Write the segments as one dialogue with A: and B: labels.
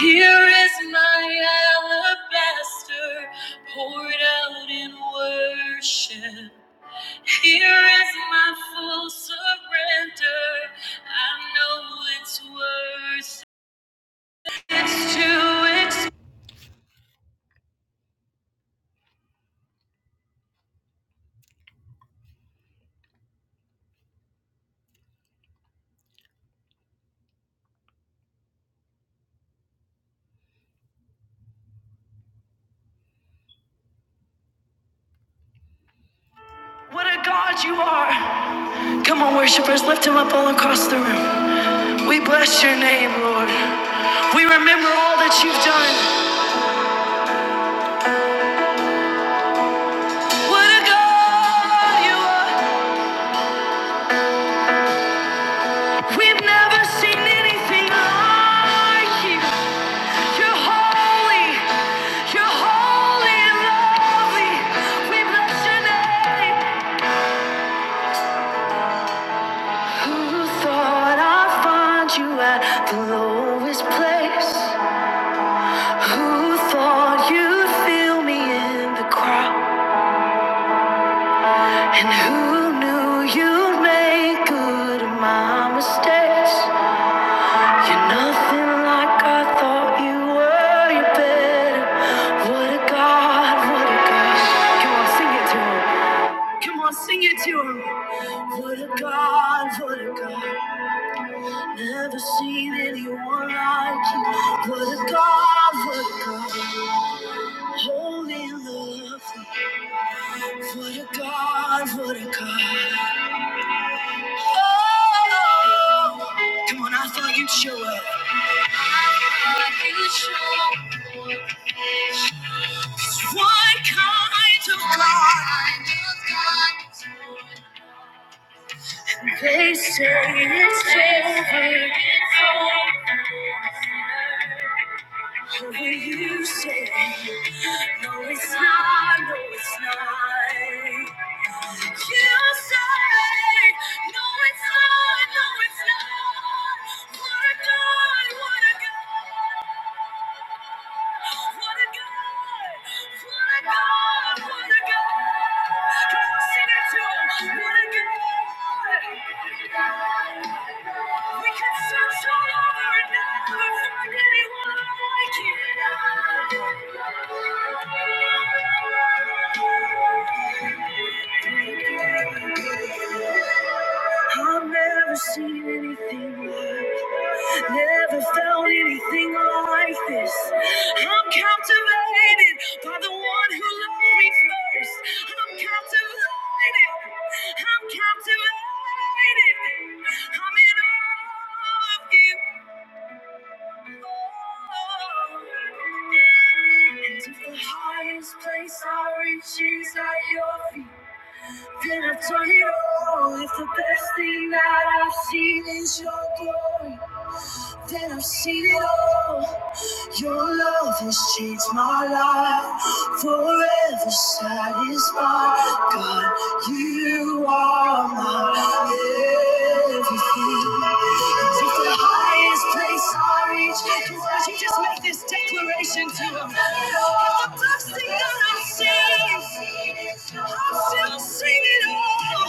A: Here is my alabaster poured out in worship. Here is my full surrender. I know it's worth it. It's to ex- What a God you are! Come on, worshipers, lift him up all across the room. We bless your name, Lord. We remember all that you've done. What a God you are! We've never seen anything like you. You're holy. You're holy and lovely. We bless your name. Who thought I'd find you at the lowest place? Who thought you'd feel me in the crowd? And who knew you'd make good of my mistakes? You're nothing like I thought you were. You're better. What a God, what a God. Come on, sing it to him. Come on, sing it to him. What a God, what a God. Never seen anyone like you. What a God, what a God. Holy love. What a God, what a God. Oh, come on, I thought you'd show up. I thought you'd show up. What kind of God? They say it's over. It's over. But you say, no, it's not, no, it's not. You say, no, it's not, no, it's not. What a God, what a God, what a God, what a God, what a God. Come on, sing it to him. What a God. We can search all over and never find anyone like you. I've never seen anything like, it. never felt anything like this. I'm captivated by the one who loved me first. I'm captivated. I'm captivated. I'm in awe of you. And if the highest place I reach is at your feet, then I've done it all. If the best thing that I've seen is your glory, then I've seen it all. Your love has changed my life, forever satisfied. God, you are my everything. It's just the highest place I reach. Won't you just make this declaration to him? It's the best thing that I've seen. I'm still singing, oh,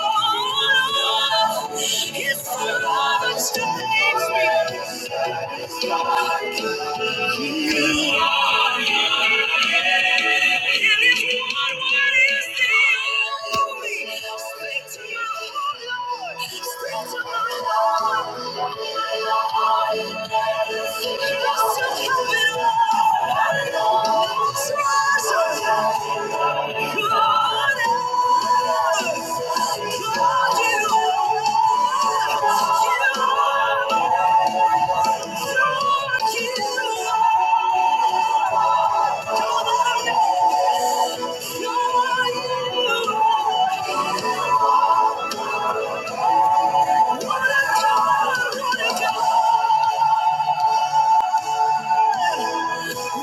A: you're his forever changed me. You are. Thank you. What a God you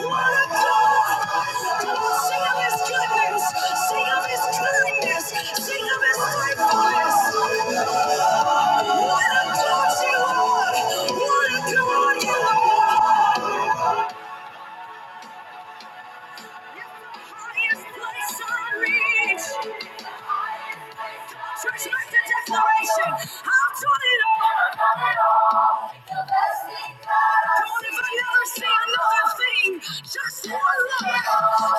A: are! Highest place I reach. Church, make the declaration. I've done it all. I've done it all. The best thing that I've Come on, if I seen. see another thing, just one look. Come on.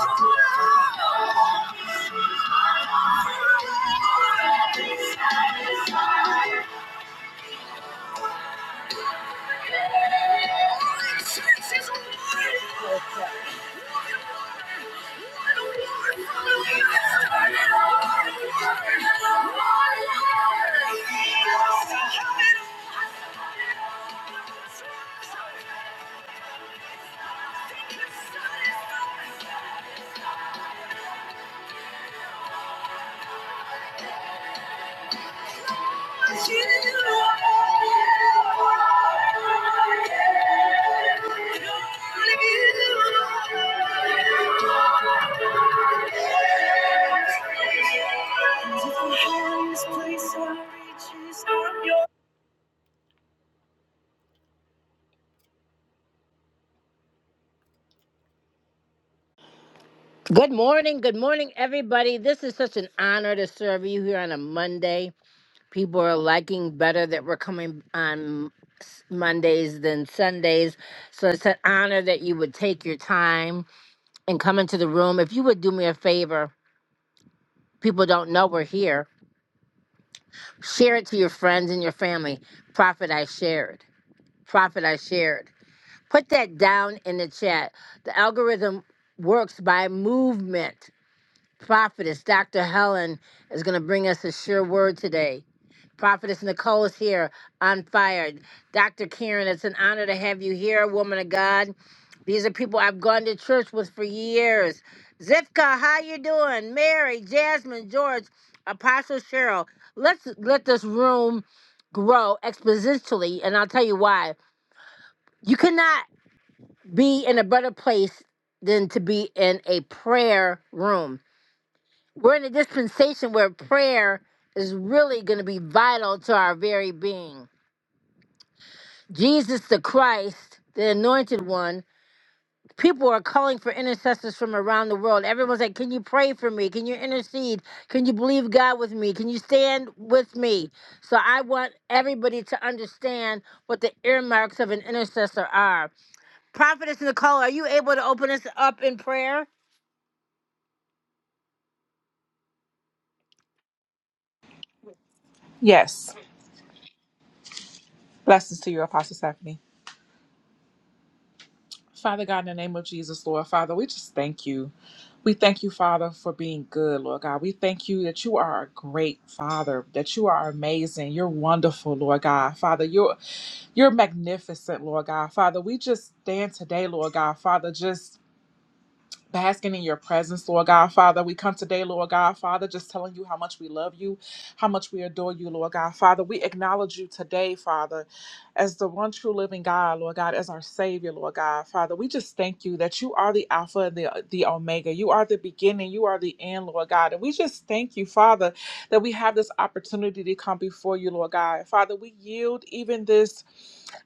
A: Church is a war. What a war from the Let's turn it on. War, war, war. Let's come in. Good morning. Good morning, everybody. This is such an honor to serve you here on a Monday. People are liking better that we're coming on s- Mondays than Sundays. So it's an honor that you would take your time and come into the room. If you would do me a favor, people don't know we're here. Share it to your friends and your family. Profit I shared. Profit I shared. put that down in the chat. The algorithm works by movement. Prophetess Dr. Helen is going to bring us a sure word today. Prophetess Nicole is here on fire. Dr. Karen, it's an honor to have you here, woman of God. These are people I've gone to church with for years. Zifka, how you doing? Mary, Jasmine, George, Apostle Cheryl. Let's let this room grow exponentially, and I'll tell you why. You cannot be in a better place than to be in a prayer room. We're in a dispensation where prayer is really going to be vital to our very being. Jesus the Christ, the anointed one, people are calling for intercessors from around the world. Everyone's like, Can you pray for me? Can you intercede? Can you believe God with me? Can you stand with me? So I want everybody to understand what the earmarks of an intercessor are. Prophetess Nicole, are you able to open us up in prayer?
B: Yes. Blessings to you, Apostle Stephanie. Father God, in the name of Jesus, Lord, Father, we just thank you. We thank you, Father, for being good, Lord God. We thank you that you are a great Father, that you are amazing. You're wonderful, Lord God. Father, you're you're magnificent, Lord God. Father, we just stand today, Lord God. Father, just basking in your presence, Lord God, Father. We come today, Lord God, Father, just telling you how much we love you, how much we adore you, Lord God, Father. We acknowledge you today, Father, as the one true living God, Lord God, as our Savior, Lord God, Father. We just thank you that you are the Alpha and the, the Omega. You are the beginning, you are the end, Lord God. And we just thank you, Father, that we have this opportunity to come before you, Lord God. Father, we yield even this,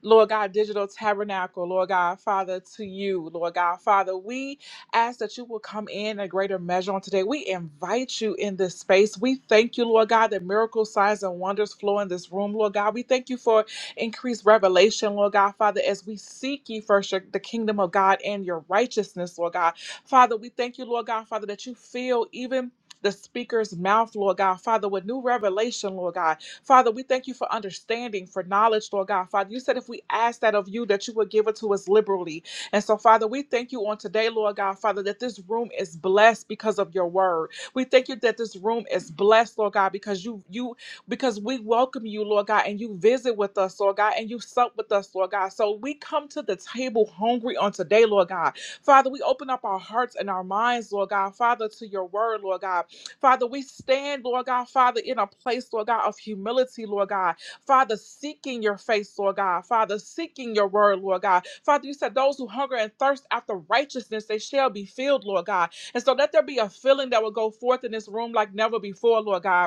B: Lord God, digital tabernacle, Lord God, Father, to you, Lord God, Father. We Ask that you will come in a greater measure on today. We invite you in this space. We thank you, Lord God, that miracles, signs, and wonders flow in this room, Lord God. We thank you for increased revelation, Lord God, Father, as we seek ye first your, the kingdom of God and your righteousness, Lord God. Father, we thank you, Lord God, Father, that you fill even the speaker's mouth, Lord God, Father, with new revelation, Lord God. Father, we thank you for understanding, for knowledge, Lord God. Father, you said if we ask that of you, that you would give it to us liberally. And so, Father, we thank you on today, Lord God, Father, that this room is blessed because of your word. We thank you that this room is blessed, Lord God, because you you because we welcome you, Lord God, and you visit with us, Lord God, and you sup with us, Lord God. So we come to the table hungry on today, Lord God. Father, we open up our hearts and our minds, Lord God, Father, to your word, Lord God. Father, we stand, Lord God, Father, in a place, Lord God, of humility, Lord God. Father, seeking your face, Lord God. Father, seeking your word, Lord God. Father, you said those who hunger and thirst after righteousness, they shall be filled, Lord God. And so let there be a filling that will go forth in this room like never before, Lord God.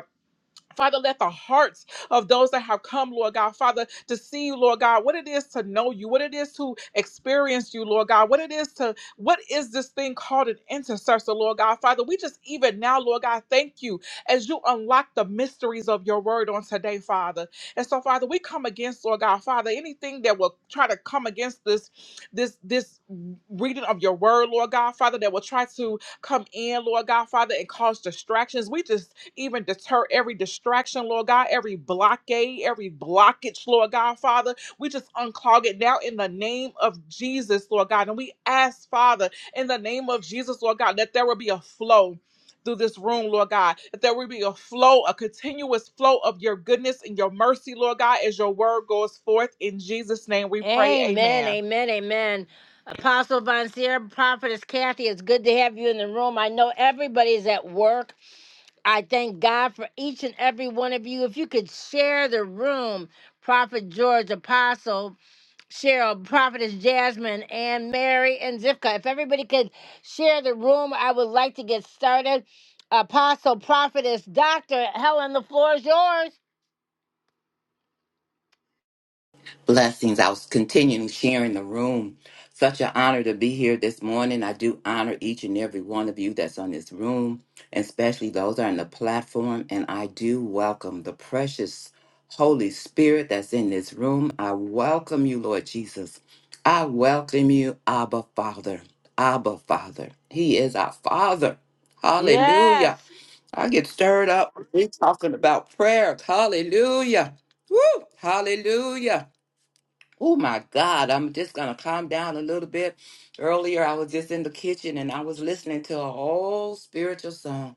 B: Father, let the hearts of those that have come, Lord God, Father, to see you, Lord God, what it is to know you, what it is to experience you, Lord God, what it is to, what is this thing called an intercessor, Lord God, Father? We just even now, Lord God, thank you as you unlock the mysteries of your word on today, Father. And so, Father, we come against, Lord God, Father, anything that will try to come against this, this, this reading of your word, Lord God, Father, that will try to come in, Lord God, Father, and cause distractions. We just even deter every distraction, Lord God, every blockade, every blockage, Lord God, Father. We just unclog it now in the name of Jesus, Lord God. And we ask, Father, in the name of Jesus, Lord God, that there will be a flow. Through this room, Lord God, that there will be a flow, a continuous flow of your goodness and your mercy, Lord God, as your word goes forth. In Jesus' name we pray,
A: Amen,
B: Amen.
A: amen, amen. Apostle Von Sierra, Prophetess Kathy, it's good to have you in the room. I know everybody's at work. I thank God for each and every one of you. If you could share the room, Prophet George, Apostle Cheryl, Prophetess Jasmine, and Mary and Zipka. If everybody could share the room, I would like to get started. Apostle, Prophetess, Doctor Helen, the floor is yours.
C: Blessings. I was continuing sharing the room. Such an honor to be here this morning. I do honor each and every one of you that's on this room, and especially those that are on the platform. And I do welcome the precious Holy Spirit that's in this room. I welcome you, Lord Jesus. I welcome you, Abba Father. Abba Father. He is our Father.
A: Yes,
C: Hallelujah. I get stirred up. We're talking about prayer. Hallelujah. Woo! Hallelujah. Oh my God, I'm just going to calm down a little bit. Earlier, I was just in the kitchen and I was listening to an old spiritual song.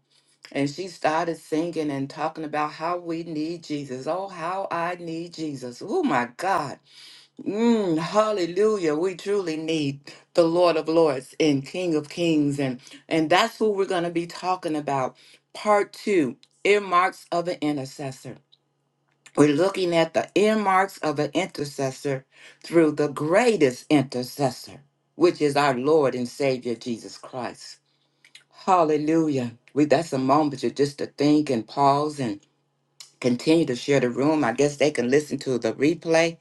C: And she started singing and talking about how we need Jesus. Oh, how I need Jesus. Oh my God. Mm, hallelujah. We truly need the Lord of Lords and King of Kings. And, and that's who we're going to be talking about. Part two earmarks of an intercessor. We're looking at the earmarks of an intercessor through the greatest intercessor, which is our Lord and Savior Jesus Christ. Hallelujah. We that's a moment to just to think and pause and continue to share the room. I guess they can listen to the replay,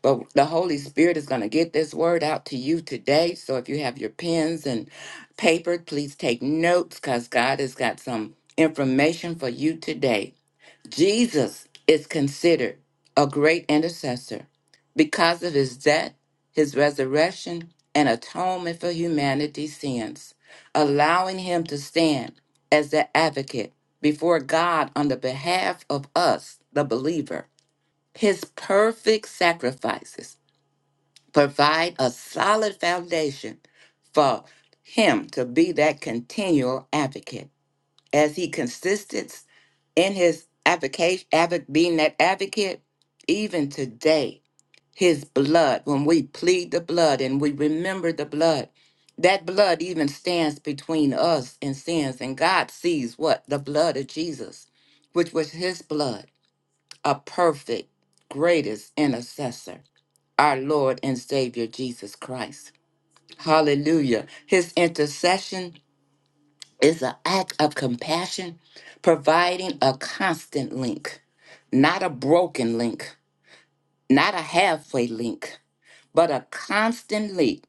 C: but the Holy Spirit is going to get this word out to you today. So if you have your pens and paper, please take notes cuz God has got some information for you today. Jesus is considered a great intercessor because of his death, his resurrection, and atonement for humanity's sins, allowing him to stand as the advocate before God on the behalf of us, the believer. His perfect sacrifices provide a solid foundation for him to be that continual advocate as he consistent in his advocation, advo- being that advocate, even today, his blood, when we plead the blood and we remember the blood, that blood even stands between us and sins. And God sees what? The blood of Jesus, which was his blood, a perfect, greatest intercessor, our Lord and Savior Jesus Christ. Hallelujah. His intercession is an act of compassion, providing a constant link, not a broken link, not a halfway link, but a constant link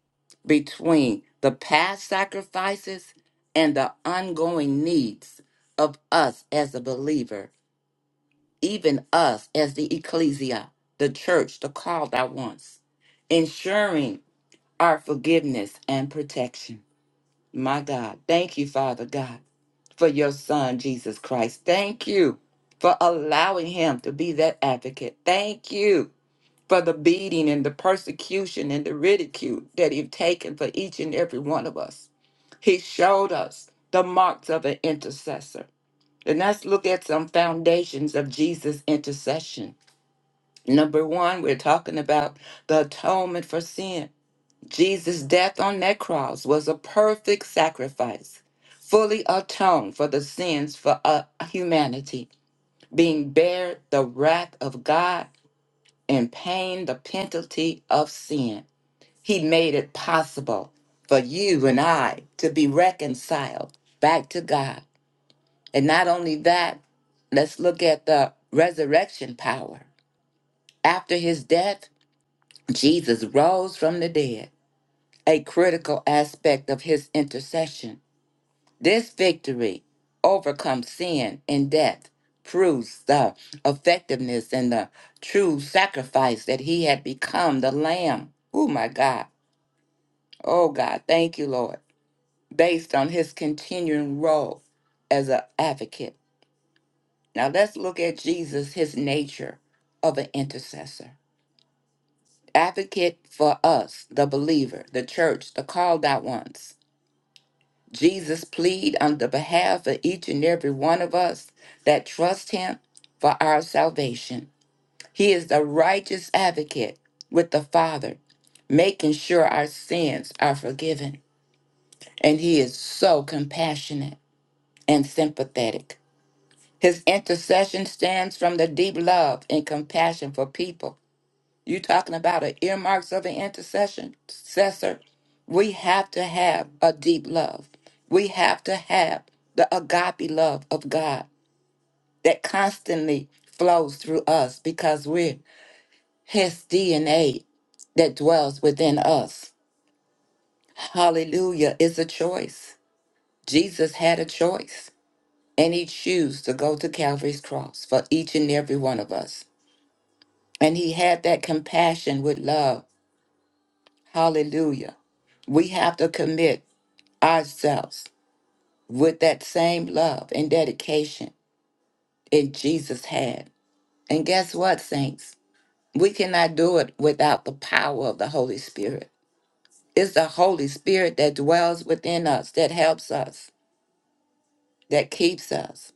C: between the past sacrifices and the ongoing needs of us as a believer, even us as the ecclesia, the church, the called out ones, ensuring our forgiveness and protection. My God, thank you, Father God for your son, Jesus Christ. Thank you for allowing him to be that advocate. Thank you for the beating and the persecution and the ridicule that you've taken for each and every one of us. He showed us the marks of an intercessor. And let's look at some foundations of Jesus' intercession. Number one, we're talking about the atonement for sin. Jesus' death on that cross was a perfect sacrifice, fully atoned for the sins for uh, humanity, being bared the wrath of God and paying the penalty of sin. He made it possible for you and I to be reconciled back to God. And not only that, let's look at the resurrection power. After his death, Jesus rose from the dead, a critical aspect of his intercession This victory overcomes sin and death, proves the effectiveness and the true sacrifice that he had become the Lamb. Oh my God. Oh God, thank you, Lord, based on his continuing role as an advocate. Now let's look at Jesus, his nature of an intercessor. Advocate for us, the believer, the church, the called out ones Jesus plead on the behalf of each and every one of us that trust him for our salvation. He is the righteous advocate with the Father, making sure our sins are forgiven. And he is so compassionate and sympathetic. His intercession stands from the deep love and compassion for people you talking about the earmarks of an intercession, successor? We have to have a deep love. We have to have the agape love of God that constantly flows through us because we're His DNA that dwells within us. Hallelujah is a choice. Jesus had a choice, and He chose to go to Calvary's cross for each and every one of us. And He had that compassion with love Hallelujah. We have to commit ourselves with that same love and dedication that Jesus had. And guess what, saints? We cannot do it without the power of the Holy Spirit. It's the Holy Spirit that dwells within us, that helps us, that keeps us,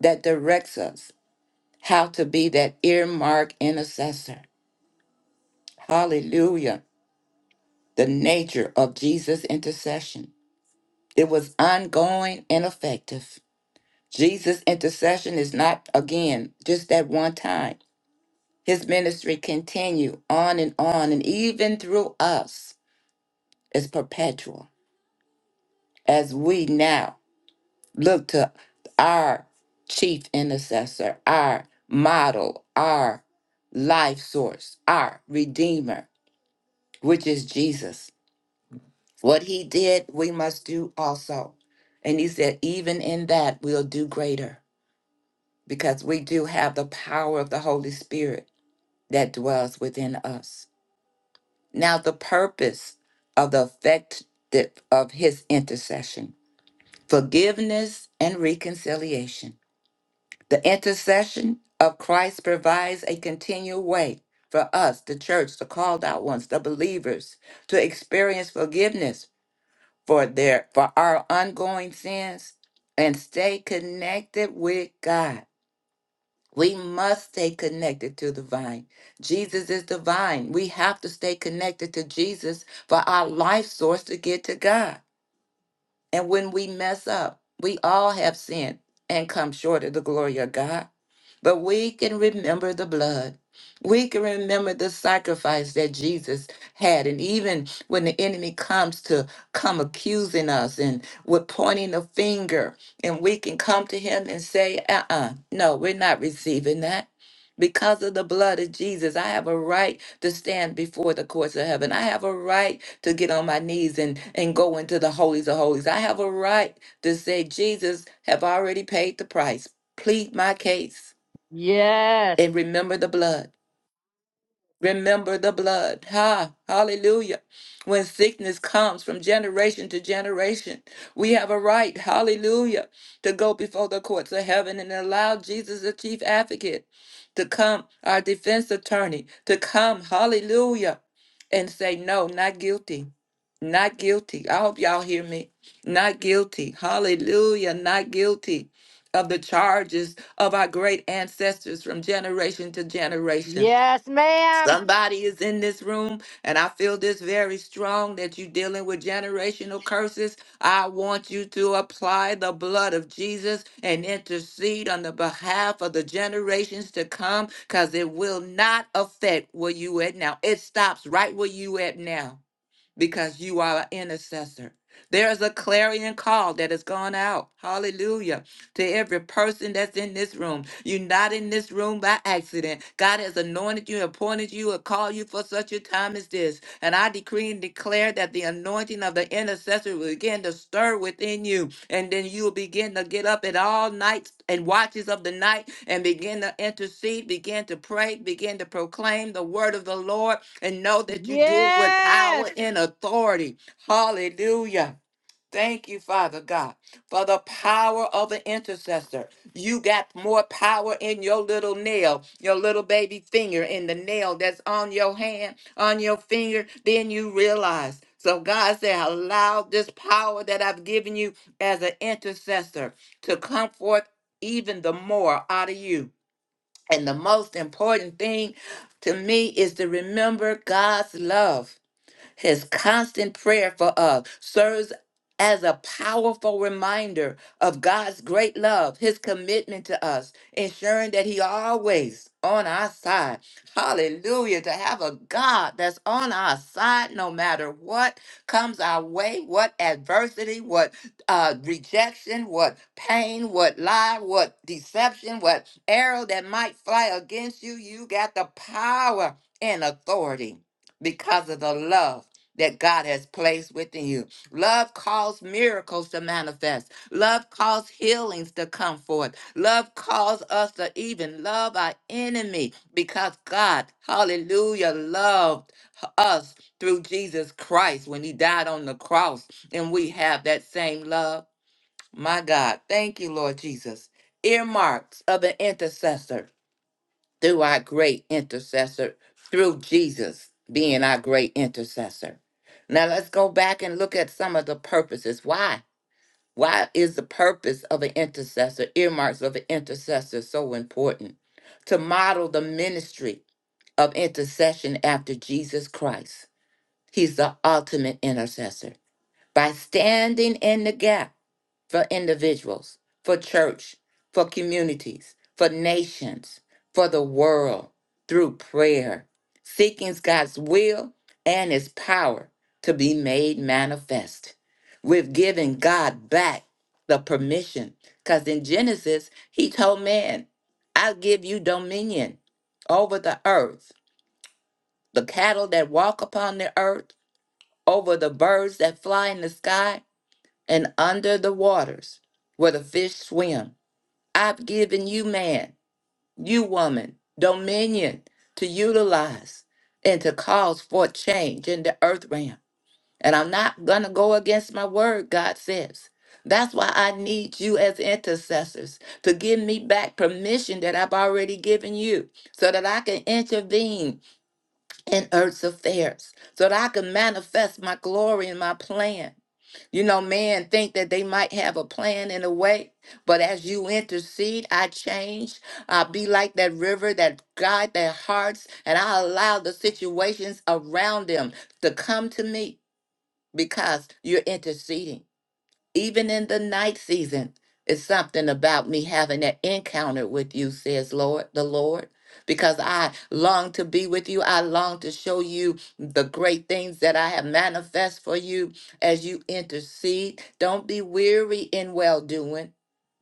C: that directs us how to be that earmark intercessor. Hallelujah. The nature of Jesus' intercession. It was ongoing and effective. Jesus' intercession is not, again, just that one time. His ministry continue on and on, and even through us is perpetual as we now look to our chief intercessor, our model, our life source, our redeemer, which is Jesus. What he did, we must do also. And he said, even in that, we'll do greater because we do have the power of the Holy Spirit that dwells within us. Now, the purpose of the effect of his intercession, forgiveness and reconciliation. The intercession of Christ provides a continual way for us, the church, the called out ones, the believers, to experience forgiveness for their for our ongoing sins and stay connected with God. We must stay connected to the vine. Jesus is the vine. We have to stay connected to Jesus for our life source to get to God. And when we mess up, we all have sinned and come short of the glory of God. But we can remember the blood. We can remember the sacrifice that Jesus had. And even when the enemy comes to come accusing us and with pointing a finger, and we can come to him and say, uh uh no, we're not receiving that. Because of the blood of Jesus, I have a right to stand before the courts of heaven. I have a right to get on my knees and, and go into the holies of holies. I have a right to say, Jesus have already paid the price. Plead my case
A: yes,
C: and remember the blood. Remember the blood. Ha, hallelujah. When sickness comes from generation to generation, we have a right, hallelujah, to go before the courts of heaven and allow Jesus, the chief advocate, to come, our defense attorney, to come, hallelujah, and say, no, not guilty. Not guilty. I hope y'all hear me. Not guilty. Hallelujah. Not guilty of the charges of our great ancestors from generation to generation.
A: yes, ma'am.
C: Somebody is in this room, and I feel this very strong that you're dealing with generational curses. I want you to apply the blood of Jesus and intercede on the behalf of the generations to come because it will not affect where you at now. It stops right where you at now because you are an intercessor. There is a clarion call that has gone out. Hallelujah. To every person that's in this room. You're not in this room by accident. God has anointed you, appointed you, and called you for such a time as this. And I decree and declare that the anointing of the intercessor will begin to stir within you. And then you will begin to get up at all nights and watches of the night and begin to intercede, begin to pray, begin to proclaim the word of the Lord and know that you do it with
A: Yes.
C: power and authority. Hallelujah. Thank you, Father God, for the power of an intercessor. You got more power in your little nail, your little baby finger, in the nail that's on your hand, on your finger, than you realize. So God said, allow this power that I've given you as an intercessor to come forth even the more out of you. And the most important thing to me is to remember God's love his constant prayer for us serves as a powerful reminder of God's great love, his commitment to us, ensuring that he always on our side. Hallelujah. To have a God that's on our side no matter what comes our way, what adversity, what uh, rejection, what pain, what lie, what deception, what arrow that might fly against you, you got the power and authority because of the love that God has placed within you. Love calls miracles to manifest. Love calls healings to come forth. Love calls us to even love our enemy because God, hallelujah, loved us through Jesus Christ when he died on the cross. And we have that same love. My God, thank you, Lord Jesus. Earmarks of an intercessor through our great intercessor, through Jesus being our great intercessor. Now let's go back and look at some of the purposes. Why? Why is the purpose of an intercessor, earmarks of an intercessor, so important? To model the ministry of intercession after Jesus Christ. He's the ultimate intercessor. By standing in the gap, for individuals, for church, for communities, for nations, for the world through prayer, seeking God's will and his power to be made manifest. We've given God back the permission because in Genesis, he told man, I'll give you dominion over the earth, the cattle that walk upon the earth, over the birds that fly in the sky, and under the waters where the fish swim. I've given you, man, you, woman, dominion to utilize and to cause forth change in the earth realm. And I'm not going to go against my word, God says. That's why I need you as intercessors to give me back permission that I've already given you so that I can intervene in earth's affairs, so that I can manifest my glory and my plan. You know, man think that they might have a plan in a way, but as you intercede, I change. I be like that river that guide their hearts, and I allow the situations around them to come to me because you're interceding even in the night season, it's something about me having that encounter with you, says Lord, the Lord, because I long to be with you. I long to show you the great things that I have manifest for you as you intercede. Don't be weary in well doing.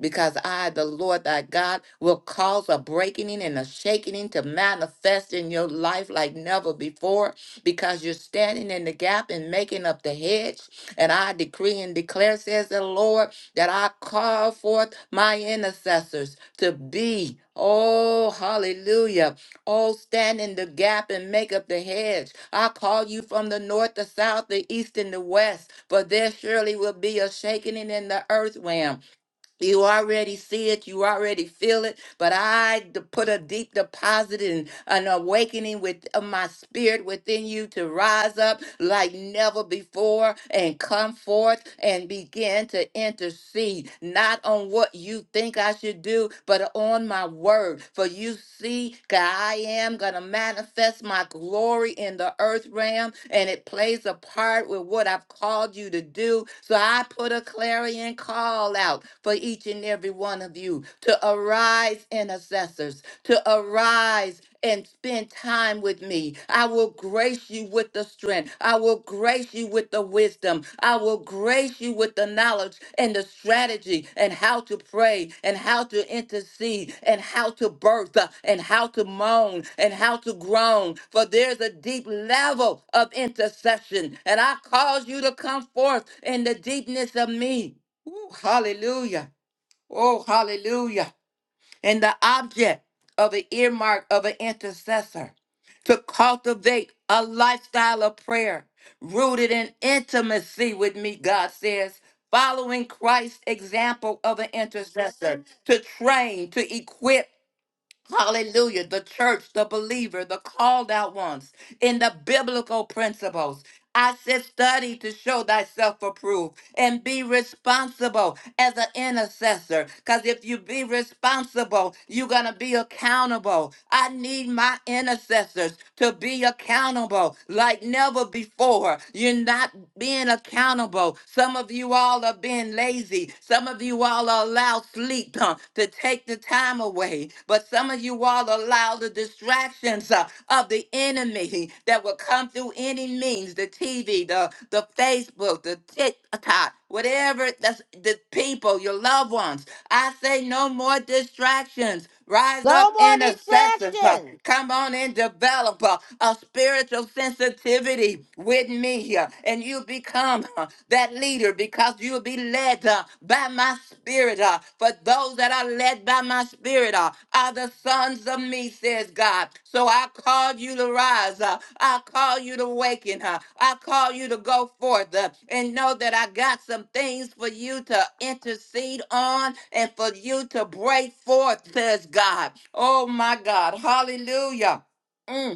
C: Because I, the Lord thy God, will cause a breaking and a shaking to manifest in your life like never before. Because you're standing in the gap and making up the hedge and I decree and declare, says the Lord, that I call forth my intercessors to be, oh, hallelujah, oh, stand in the gap and make up the hedge. I call you from the north, the south, the east, and the west, for there surely will be a shaking in the earth realm you already see it, you already feel it, but I d- put a deep deposit and an awakening with uh, my spirit within you to rise up like never before and come forth and begin to intercede, not on what you think I should do, you, but on my word. For you see, God, I am going to manifest my glory in the earth realm, and it plays a part with what I've called you to do. So I put a clarion call out for each and every one of you to arise, intercessors to arise and spend time with me. I will grace you with the strength. I will grace you with the wisdom. I will grace you with the knowledge and the strategy and how to pray and how to intercede and how to birth uh, and how to moan and how to groan. For there's a deep level of intercession, and I cause you to come forth in the deepness of me. Ooh, hallelujah. Oh, hallelujah and the object of an earmark of an intercessor to cultivate a lifestyle of prayer rooted in intimacy with me, God says, following Christ's example of an intercessor to train, to equip. Hallelujah. The church, the believer, the called out ones in the biblical principles. I said, study to show thyself approved and be responsible as an intercessor. Because if you be responsible, you're going to be accountable. I need my intercessors to be accountable like never before. You're not being accountable. Some of you all are being lazy. Some some of you all allow sleep uh, to take the time away, but some of you all allow the distractions uh, of the enemy that will come through any means the TV, the, the Facebook, the TikTok, whatever that's the people, your loved ones. I say no more distractions. Rise up,
A: No more
C: intercessors. uh,
A: distractions.
C: Come on and develop a, a spiritual sensitivity with me. uh, hallelujah. And you become uh, that leader because you'll be led uh, by my spirit. uh, For those that are led by my spirit uh, are the sons of me, says God. So I call you to rise. uh, I call you to awaken. uh, I call you to go forth uh, and know that I got some things for you to intercede on and for you to break forth, says God. Oh my God. Hallelujah. Mm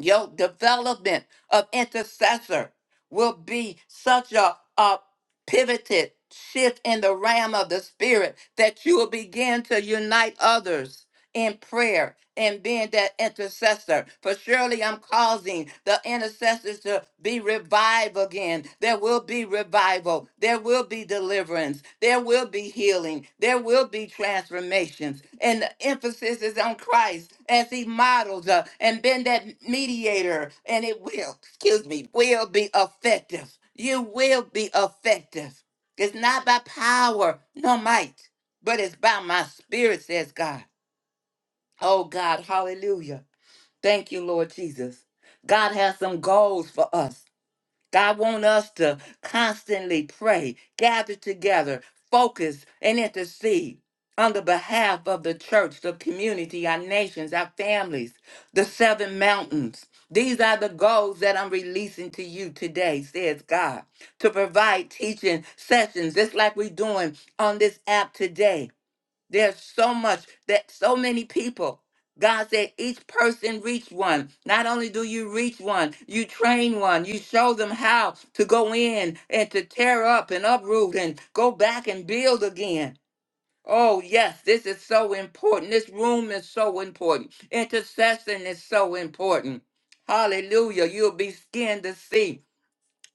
C: your development of intercessor will be such a, a pivoted shift in the realm of the spirit that you will begin to unite others in prayer and being that intercessor. For surely I'm causing the intercessors to be revived again. There will be revival. There will be deliverance. There will be healing. There will be transformations. And the emphasis is on Christ as he models uh, and been that mediator. And it will, excuse me, will be effective. You will be effective. It's not by power nor might, but it's by my spirit, says God. Oh God, hallelujah. Thank you, Lord Jesus. God has some goals for us. God wants us to constantly pray, gather together, focus, and intercede on the behalf of the church, the community, our nations, our families, the seven mountains. These are the goals that I'm releasing to you today, says God, to provide teaching sessions, just like we're doing on this app today there's so much that so many people. God said each person reach one. Not only do you reach one, you train one. You show them how to go in and to tear up and uproot and go back and build again. Oh, yes, this is so important. This room is so important. Intercession is so important. Hallelujah. You'll be skinned to see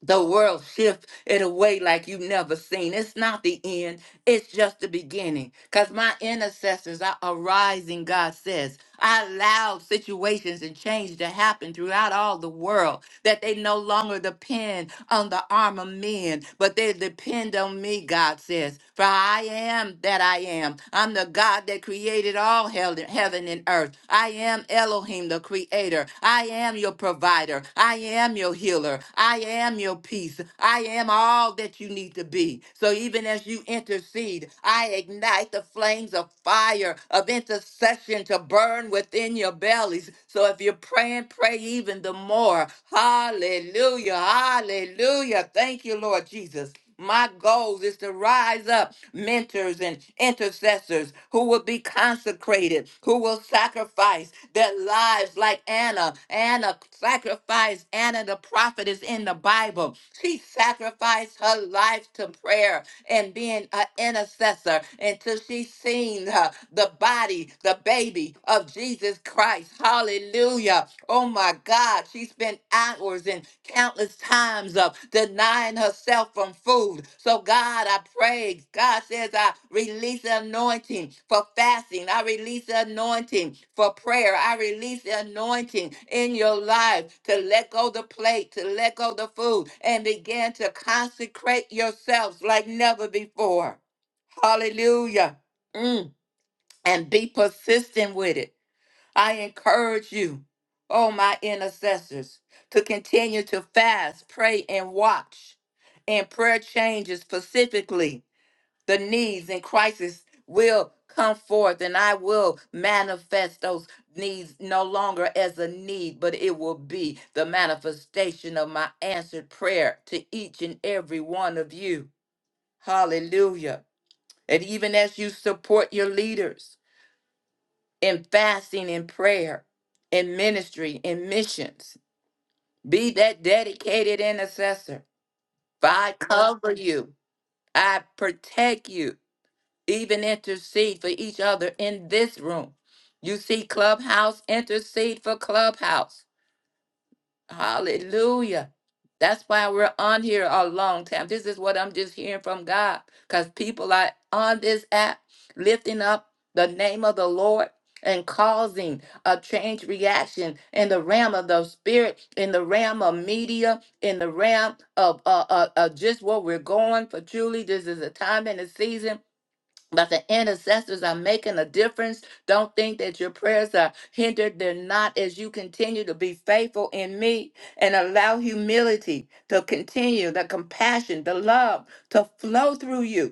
C: the world shift in a way like you've never seen. It's not the end, it's just the beginning. Because my intercessors are arising, God says. I allowed situations and change to happen throughout all the world that they no longer depend on the arm of men, but they depend on me, God says. For I am that I am. I'm the God that created all hell, heaven and earth. I am Elohim, the creator. I am your provider. I am your healer. I am your peace. I am all that you need to be. So even as you intercede, I ignite the flames of fire of intercession to burn within your bellies. So if you're praying, pray even the more. Hallelujah. Hallelujah. Thank you, Lord Jesus. My goal is to rise up mentors and intercessors who will be consecrated, who will sacrifice their lives like Anna. Anna sacrificed, Anna the prophetess in the Bible. She sacrificed her life to prayer and being an intercessor until she seen uh, the body, the baby of Jesus Christ. Hallelujah. Oh my God. She spent hours and countless times of denying herself from food. So God, I pray Hey, God says, I release the anointing for fasting. I release the anointing for prayer. I release the anointing in your life to let go the plate, to let go the food, and begin to consecrate yourselves like never before. Hallelujah. Mm. And be persistent with it. I encourage you, oh, my intercessors, to continue to fast, pray, and watch. And prayer changes specifically the needs and crisis will come forth and I will manifest those needs no longer as a need, but it will be the manifestation of my answered prayer to each and every one of you. Hallelujah. And even as you support your leaders in fasting and prayer, in ministry, in missions, be that dedicated intercessor. For I cover you, I protect you, even intercede for each other in this room. You see, Clubhouse, intercede for Clubhouse. Hallelujah. That's why we're on here a long time. This is what I'm just hearing from God because people are on this app lifting up the name of the Lord and causing a change reaction in the realm of the spirit, in the realm of media, in the realm of uh, uh, uh, just where we're going. For truly, this is a time and a season but the intercessors are making a difference. Don't think that your prayers are hindered. They're not as you continue to be faithful in me and allow humility to continue, the compassion, the love to flow through you.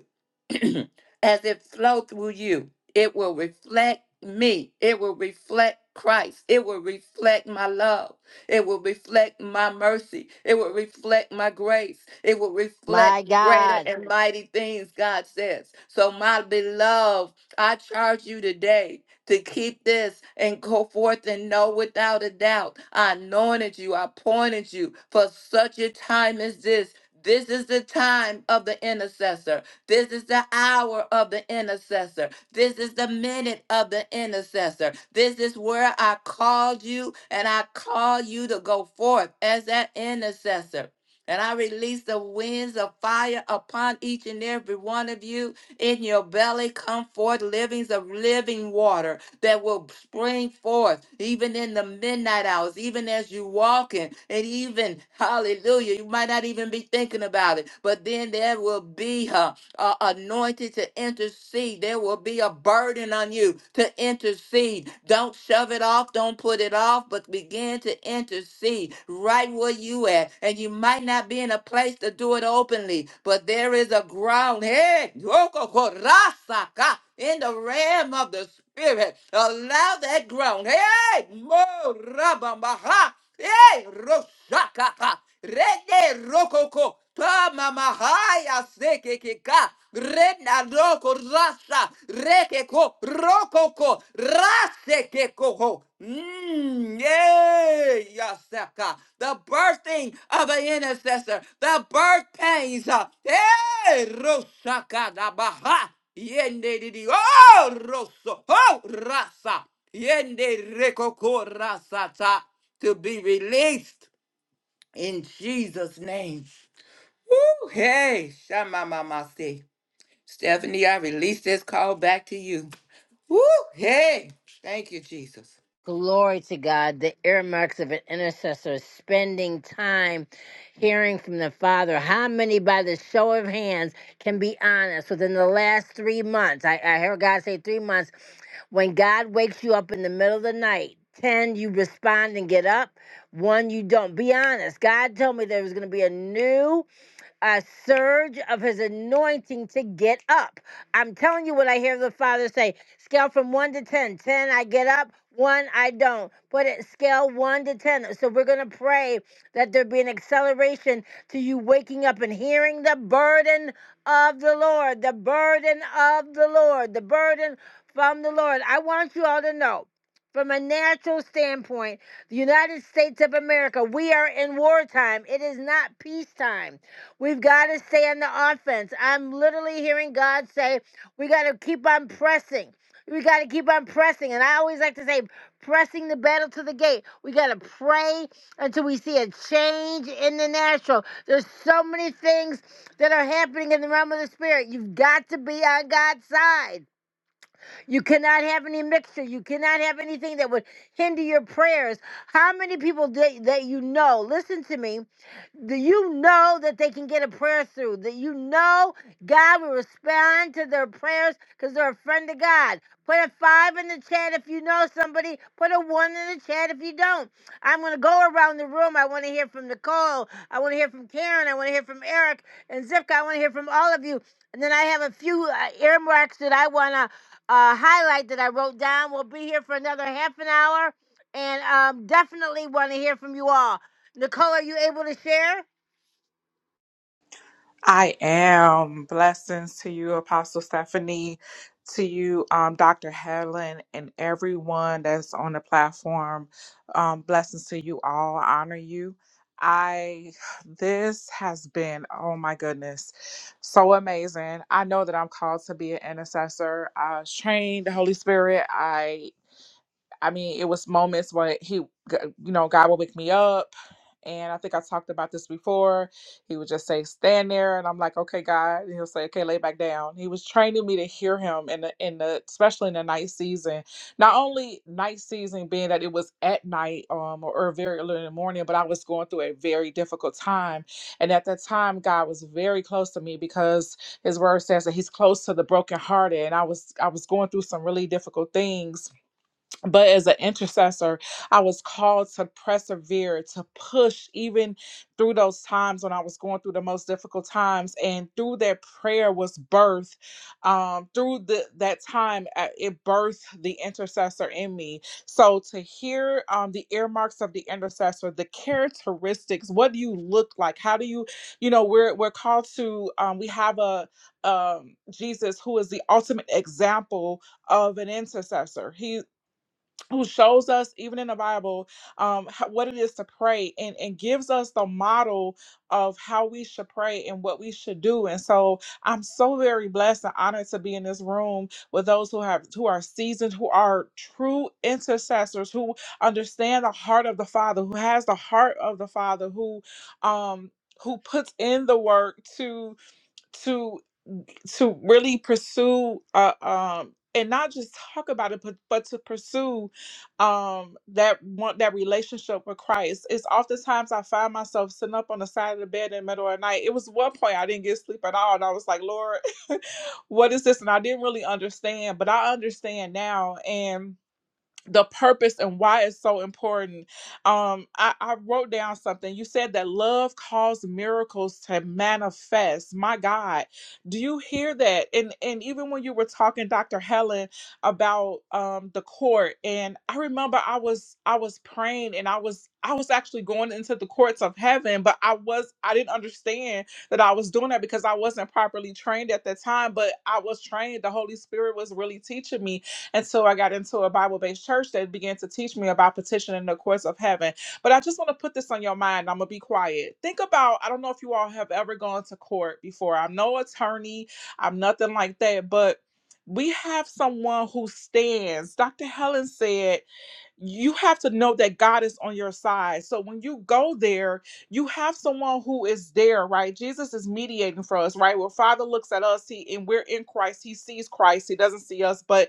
C: as it flow through you. It will reflect me. It will reflect Christ. It will reflect my love. It will reflect my mercy. It will reflect my grace. It will
A: My
C: reflect greater
A: God.
C: and mighty things, God says. So, my beloved, I charge you today to keep this and go forth and know without a doubt. I anointed you, I appointed you for such a time as this. This is the time of the intercessor. This is the hour of the intercessor. This is the minute of the intercessor. This is where I called you and I call you to go forth as that intercessor. And I release the winds of fire upon each and every one of you. In your belly come forth livings of living water that will spring forth even in the midnight hours, even as you walking, and even hallelujah, you might not even be thinking about it, but then there will be her uh, anointed to intercede. There will be a burden on you to intercede. Don't shove it off. Don't put it off, but begin to intercede right where you at. And you might not be in a place to do it openly, but there is a ground. Hey, yoko korasaka, in the realm of the spirit, allow that ground. Hey, mo rabamaha Hey, Roshakapa. Rede Rokoko. Tamama haya sekekeka. Rena roko rasa. Rekeko rokoko. Rasekeko. Mm, yay, yasaka. The birthing of an intercessor. The birth pains. uh, Hey, Roshaka da Baha. Yende didi. Oh, Rosso. Oh, Rasa. Yende rekoko rasa ta to be released in Jesus' name. Woo, hey, Shama Mama say. Stephanie, I release this call back to you. Woo, hey, thank you, Jesus.
A: Glory to God. The earmarks of an intercessor spending time hearing from the Father. How many, by the show of hands, can be honest within the last three months? I, I heard God say three months. When God wakes you up in the middle of the night, 10, you respond and get up. One, you don't. Be honest. God told me there was going to be a new a surge of his anointing to get up. I'm telling you what I hear the Father say. Scale from 1 to 10. 10, I get up. 1, I don't. Put it scale 1 to 10. So we're going to pray that there be an acceleration to you waking up and hearing the burden of the Lord, the burden of the Lord, the burden from the Lord. I want you all to know from a natural standpoint, the United States of America, we are in wartime. It is not peacetime. We've got to stay on the offense. I'm literally hearing God say, we got to keep on pressing. We got to keep on pressing. And I always like to say, pressing the battle to the gate. We got to pray until we see a change in the natural. There's so many things that are happening in the realm of the spirit. You've got to be on God's side. You cannot have any mixture. You cannot have anything that would hinder your prayers. How many people that, that you know, listen to me, Do you know that they can get a prayer through, that you know God will respond to their prayers because they're a friend of God. Put a five in the chat if you know somebody. Put a one in the chat if you don't. I'm going to go around the room. I want to hear from Nicole. I want to hear from Karen. I want to hear from Eric and Zipka. I want to hear from all of you. And then I have a few uh, earmarks that I want to uh, highlight that I wrote down. We'll be here for another half an hour and um, definitely want to hear from you all. Nicole, are you able to share?
B: I am. Blessings to you, Apostle Stephanie, to you, um, Dr. Helen, and everyone that's on the platform. Um, blessings to you all. I honor you. I, this has been, oh my goodness, so amazing. I know that I'm called to be an intercessor. I was trained the Holy Spirit. I mean, it was moments where he, you know, God would wake me up. And I think I talked about this before. He would just say, "Stand there," and I'm like, "Okay, God." And he'll say, "Okay, lay back down." He was training me to hear him, in the in the especially in the night season. Not only night season being that it was at night, um, or, or very early in the morning, but I was going through a very difficult time. And at that time, God was very close to me because His Word says that He's close to the brokenhearted, and I was I was going through some really difficult things but as an intercessor, I was called to persevere, to push even through those times when I was going through the most difficult times. And through that prayer was birth. Um, through the, that time, uh, it birthed the intercessor in me. So to hear um, the earmarks of the intercessor, the characteristics, what do you look like? How do you, you know, we're we're called to. Um, we have a um, Jesus who is the ultimate example of an intercessor. He who shows us even in the bible um ho- what it is to pray and and gives us the model of how we should pray and what we should do and so i'm so very blessed and honored to be in this room with those who have who are seasoned who are true intercessors who understand the heart of the father who has the heart of the father who um who puts in the work to to really pursue uh, um and not just talk about it but but to pursue um that one that relationship with christ it's oftentimes i find myself sitting up on the side of the bed in the middle of the night it was one point i didn't get sleep at all and i was like lord what is this and i didn't really understand but i understand now and the purpose and why it's so important. Um, I, I wrote down something. You said that love caused miracles to manifest. My God, do you hear that? And and even when you were talking, Dr. Helen, about um the court, and I remember I was I was praying and I was I was actually going into the courts of heaven, but I was I didn't understand that I was doing that because I wasn't properly trained at the time, but I was trained. The Holy Spirit was really teaching me and so I got into a Bible based church that began to teach me about petitioning the courts of heaven. But I just want to put this on your mind. I'm going to be quiet. Think about I don't know if you all have ever gone to court before. I'm no attorney, I'm nothing like that. But we have someone who stands. Dr. Helen said, You have to know that God is on your side. So when you go there, you have someone who is there, right? Jesus is mediating for us, right? Where Father looks at us, he and we're in Christ, he sees Christ, he doesn't see us, but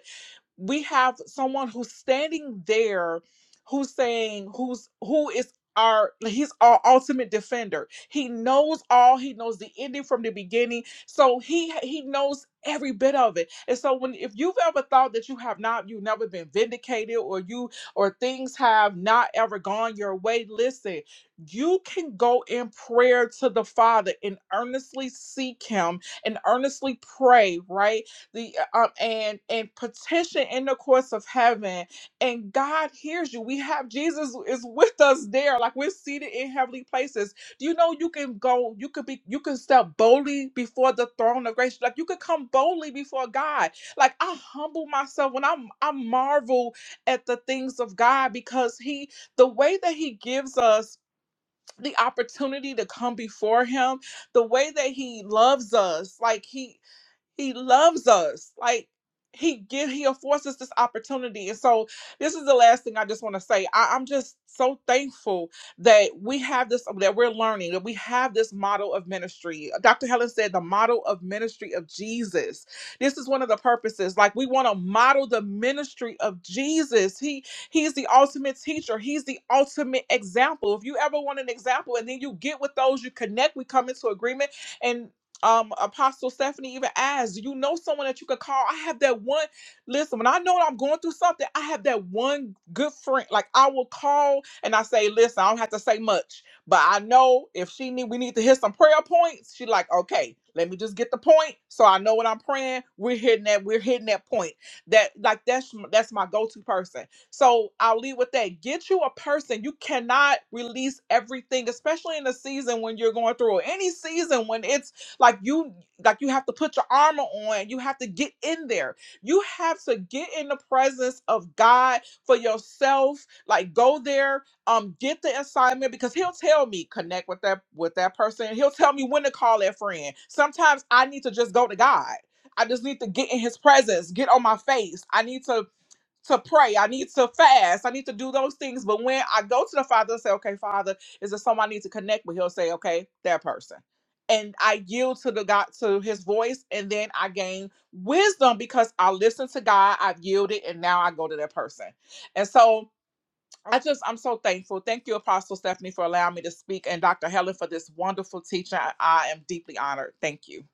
B: we have someone who's standing there who's saying who's who is our he's our ultimate defender he knows all he knows the ending from the beginning so he he knows every bit of it and so when if you've ever thought that you have not you've never been vindicated or you or things have not ever gone your way listen you can go in prayer to the father and earnestly seek him and earnestly pray right the uh, um and and petition in the courts of heaven and god hears you we have jesus is with us there like we're seated in heavenly places do you know you can go you could be you can step boldly before the throne of grace like you could come boldly before god like i humble myself when i'm i marvel at the things of god because he the way that he gives us the opportunity to come before him the way that he loves us like he he loves us. Like he give he affords us this opportunity. And so this is the last thing I just want to say. I, I'm just so thankful that we have this that we're learning, that we have this model of ministry. Dr. Helen said the model of ministry of Jesus. This is one of the purposes. Like we want to model the ministry of Jesus. He he's the ultimate teacher. He's the ultimate example. If you ever want an example and then you get with those, you connect, we come into agreement. and um apostle stephanie even asked do you know someone that you could call i have that one listen when i know that i'm going through something i have that one good friend like i will call and i say listen i don't have to say much but i know if she need we need to hit some prayer points she like okay let me just get the point so i know what i'm praying we're hitting that we're hitting that point that like that's that's my go-to person so i'll leave with that get you a person you cannot release everything especially in the season when you're going through or any season when it's like you like you have to put your armor on. You have to get in there. You have to get in the presence of God for yourself. Like go there, um, get the assignment because he'll tell me connect with that with that person. He'll tell me when to call that friend. Sometimes I need to just go to God. I just need to get in his presence, get on my face. I need to to pray. I need to fast. I need to do those things. But when I go to the Father and say, okay, Father, is there someone I need to connect with? He'll say, okay, that person. And I yield to the God to his voice, and then I gain wisdom because I listen to God, I've yielded, and now I go to that person. And so I just I'm so thankful. Thank you, Apostle Stephanie, for allowing me to speak and Dr. Helen for this wonderful teaching. I, I am deeply honored. Thank you.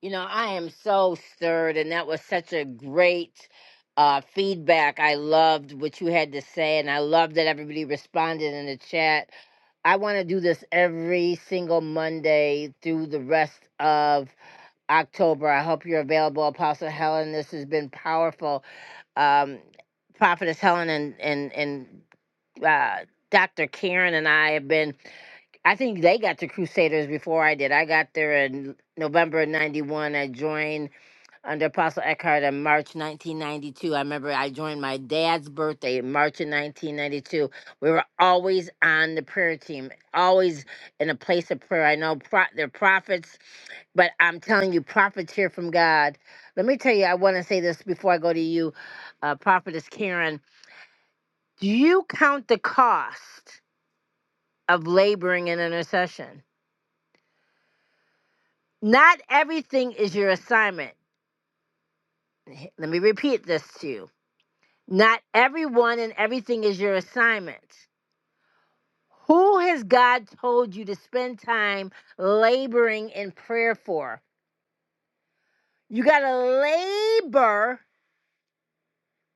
A: You know, I am so stirred, and that was such a great uh, feedback. I loved what you had to say, and I love that everybody responded in the chat. I want to do this every single Monday through the rest of October. I hope you're available, Apostle Helen. This has been powerful. Um, Prophetess Helen and and and uh, Dr. Karen and I have been. I think they got to Crusaders before I did. I got there in November of '91. I joined under Apostle Eckhart in March 1992. I remember I joined my dad's birthday in March of 1992. We were always on the prayer team, always in a place of prayer. I know pro- they're prophets, but I'm telling you, prophets hear from God. Let me tell you, I want to say this before I go to you, uh, Prophetess Karen. Do you count the cost of laboring in intercession? Not everything is your assignment. Let me repeat this to you. Not everyone and everything is your assignment. Who has God told you to spend time laboring in prayer for? You got to labor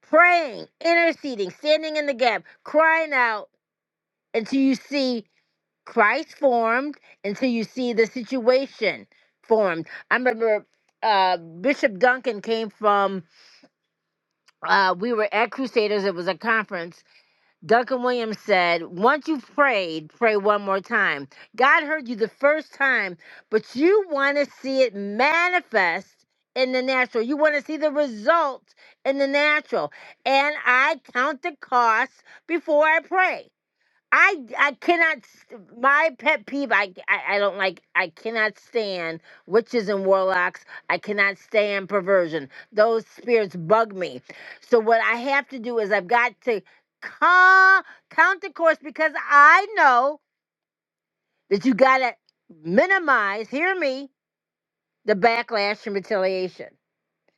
A: praying, interceding, standing in the gap, crying out until you see Christ formed, until you see the situation formed. I remember uh, Bishop Duncan came from, uh, we were at Crusaders, it was a conference Duncan Williams said, Once you've prayed, pray one more time. God heard you the first time, but you want to see it manifest in the natural. You want to see the result in the natural. And I count the cost before I pray. I I cannot. st- My pet peeve. I, I I don't like. I cannot stand witches and warlocks. I cannot stand perversion. Those spirits bug me. So what I have to do is I've got to ca- count the course because I know that you got to minimize. Hear me. The backlash and retaliation.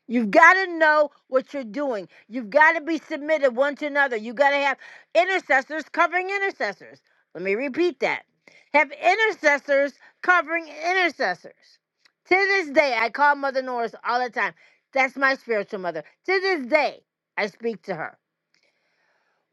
A: You've got to know what you're doing. You've got to be submitted one to another. You've got to have intercessors covering intercessors. Let me repeat that. Have intercessors covering intercessors. To this day, I call Mother Norris all the time. That's my spiritual mother. To this day, I speak to her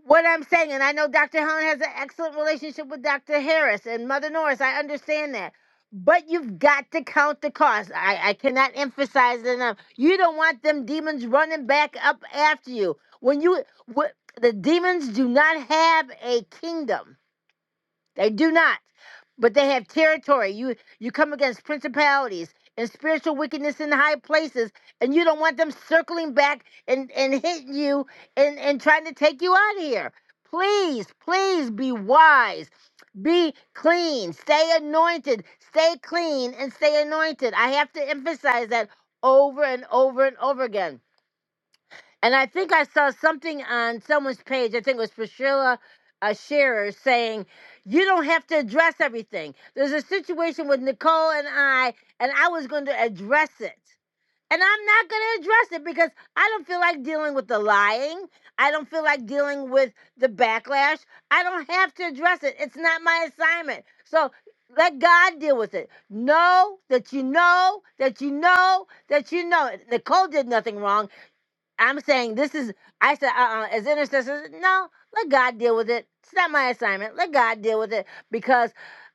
A: what I'm saying, and I know Dr. Helen has an excellent relationship with Dr. Harris and Mother Norris. I understand that. But you've got to count the cost. I, I cannot emphasize it enough. You don't want them demons running back up after you. When you, what, the demons do not have a kingdom. They do not. But they have territory. You you come against principalities and spiritual wickedness in high places, and you don't want them circling back and, and hitting you and, and trying to take you out of here. Please, please be wise. Be clean. Stay anointed. Stay clean and stay anointed. I have to emphasize that over and over and over again and I think I saw something on someone's page, I think it was Priscilla uh, Shearer, saying, You don't have to address everything. There's a situation with Nicole and I, and I was going to address it. And I'm not going to address it because I don't feel like dealing with the lying. I don't feel like dealing with the backlash. I don't have to address it. It's not my assignment. So let God deal with it. Know that you know that you know that you know. Nicole did nothing wrong. I'm saying this is, I said, uh-uh, as intercessors, no, let God deal with it. It's not my assignment. Let God deal with it because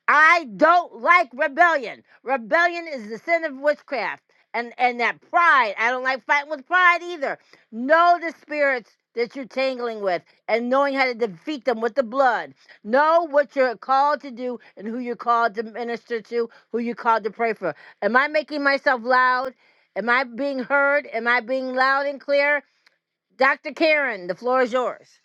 A: I don't like rebellion. Rebellion is the sin of witchcraft. And, and that pride, I don't like fighting with pride either. Know the spirits that you're tangling with and knowing how to defeat them with the blood. Know what you're called to do and who you're called to minister to, who you're called to pray for. Am I making myself loud? Am I being heard? Am I being loud and clear? Dr. Karen, the floor is yours.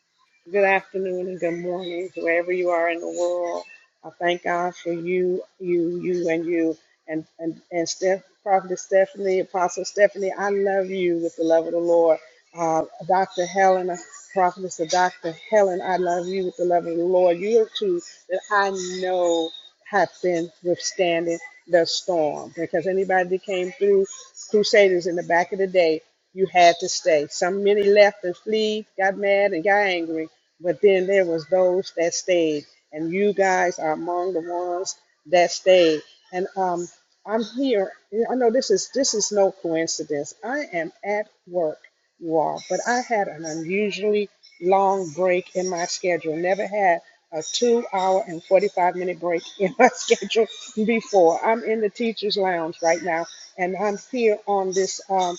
D: Good afternoon and good morning to wherever you are in the world. I thank God for you, you, you, and you, and and and Steph, Prophet Stephanie, Apostle Stephanie. I love you with the love of the Lord. Uh, Dr. Helen, uh, Prophetess of Dr. Helen, I love you with the love of the Lord. You are two that I know have been withstanding the storm because anybody that came through Crusaders in the back of the day, you had to stay. Some many left and flee, got mad and got angry but then there was those that stayed, and you guys are among the ones that stayed. And um, I'm here. I know this is this is no coincidence. I am at work, you all, but I had an unusually long break in my schedule. Never had a two-hour and 45-minute break in my schedule before. I'm in the teachers' lounge right now, and I'm here on this. um,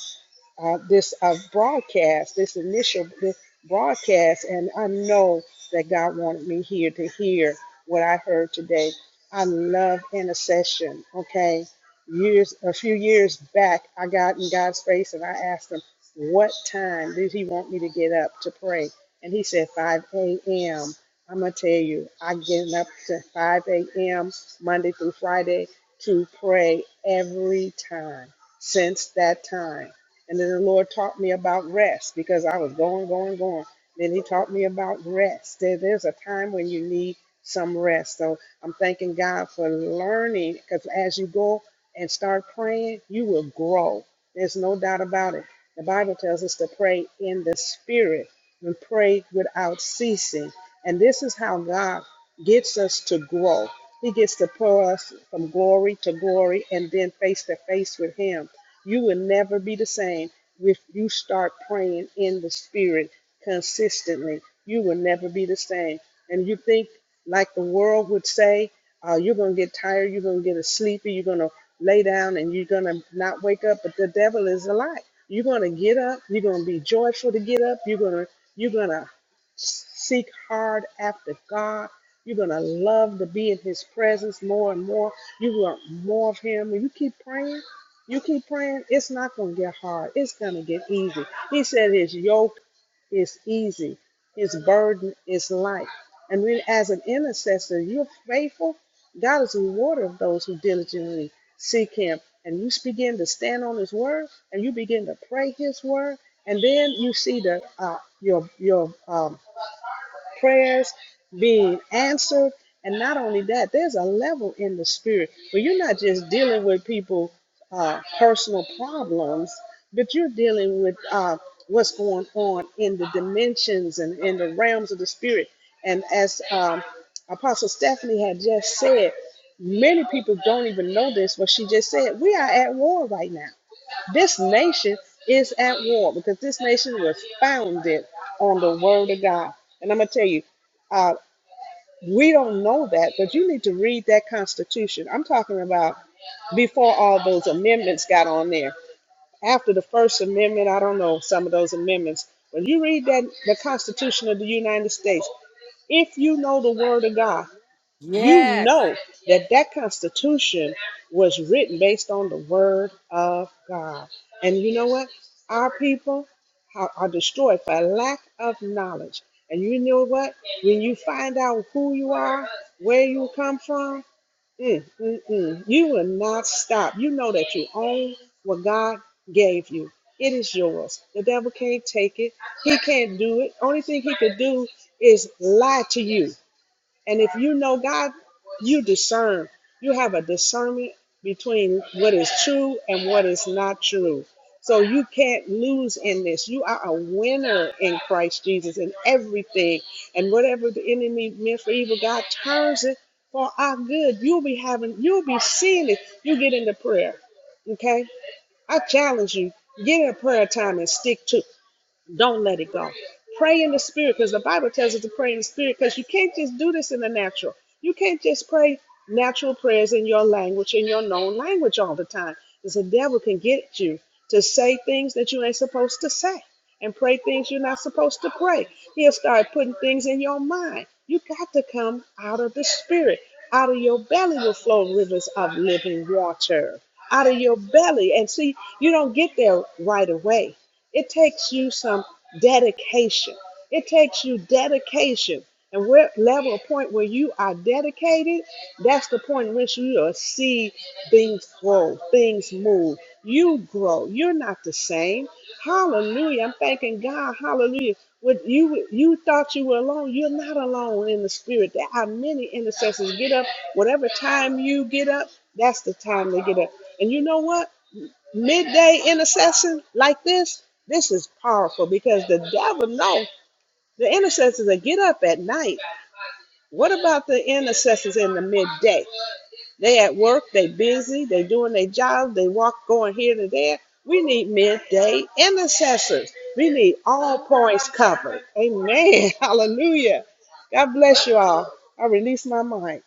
D: uh, this uh, broadcast, this initial this broadcast, and I know that God wanted me here to hear what I heard today. I love intercession. Okay, years a few years back, I got in God's face and I asked Him, "What time did He want me to get up to pray?" And He said, "5 a.m." I'm gonna tell you, I get up to 5 a.m. Monday through Friday to pray every time since that time. And then the Lord taught me about rest because I was going, going, going. Then He taught me about rest. There- There's a time when you need some rest. So I'm thanking God for learning because as you go and start praying, you will grow. There's no doubt about it. The Bible tells us to pray in the Spirit and pray without ceasing. And this is how God gets us to grow. He gets to pull us from glory to glory and then face to face with Him. You will never be the same if you start praying in the spirit consistently. You will never be the same. And you think, like the world would say, uh, you're going to get tired, you're going to get sleepy, you're going to lay down and you're going to not wake up. But the devil is a lie. You're going to get up, you're going to be joyful to get up, you're going to, you're going to seek hard after God. You're going to love to be in his presence more and more. You want more of him. When you keep praying, you keep praying, it's not going to get hard. It's going to get easy. He said his yoke is easy, his burden is light. And when, as an intercessor, you're faithful, God is a rewarder of those who diligently seek him. And you begin to stand on his word and you begin to pray his word. And then you see the, uh, your, your um, prayers being answered. And not only that, there's a level in the spirit where you're not just dealing with people uh, personal problems, but you're dealing with uh, what's going on in the dimensions and in the realms of the spirit. And as um, Apostle Stephanie had just said, many people don't even know this, but she just said, we are at war right now. This nation is at war because this nation was founded on the word of God. And I'm going to tell you, uh, we don't know that, but you need to read that Constitution. I'm talking about before all those amendments got on there. After the First Amendment, I don't know some of those amendments. When you read that, the Constitution of the United States, if you know the word of God, you
A: Yes.
D: know that that constitution was written based on the word of god and you know what our people are, are destroyed for lack of knowledge and you know what when you find out who you are where you come from mm, mm, mm, you will not stop you know that you own what god gave you it is yours the devil can't take it he can't do it only thing he could do is lie to you and if you know God, you discern. You have a discernment between what is true and what is not true. So you can't lose in this. You are a winner in Christ Jesus in everything. And whatever the enemy meant for evil, God turns it for our good. You'll be having, you'll be seeing it. You get into prayer. Okay? I challenge you. Get in a prayer time and stick to it. Don't let it go. Pray in the spirit because the Bible tells us to pray in the spirit because you can't just do this in the natural. You can't just pray natural prayers in your language, in your known language all the time because the devil can get you to say things that you ain't supposed to say and pray things you're not supposed to pray. He'll start putting things in your mind. You got to come out of the spirit. Out of your belly will flow rivers of living water. Out of your belly. And see, you don't get there right away. It takes you some dedication. It takes you dedication. And what level of point where you are dedicated, that's the point in which you'll see things grow, things move. You grow. You're not the same. Hallelujah. I'm thanking God. Hallelujah. What you you thought you were alone, you're not alone in the spirit. There are many intercessors. Get up whatever time you get up, that's the time they get up. And you know what? midday intercession like this, this is powerful because the devil knows the intercessors that get up at night. What about the intercessors in the midday? They at work, they busy, they doing their job, they walk going here to there. We need midday intercessors. We need all points covered. Amen. Hallelujah. God bless you all. I release my mind.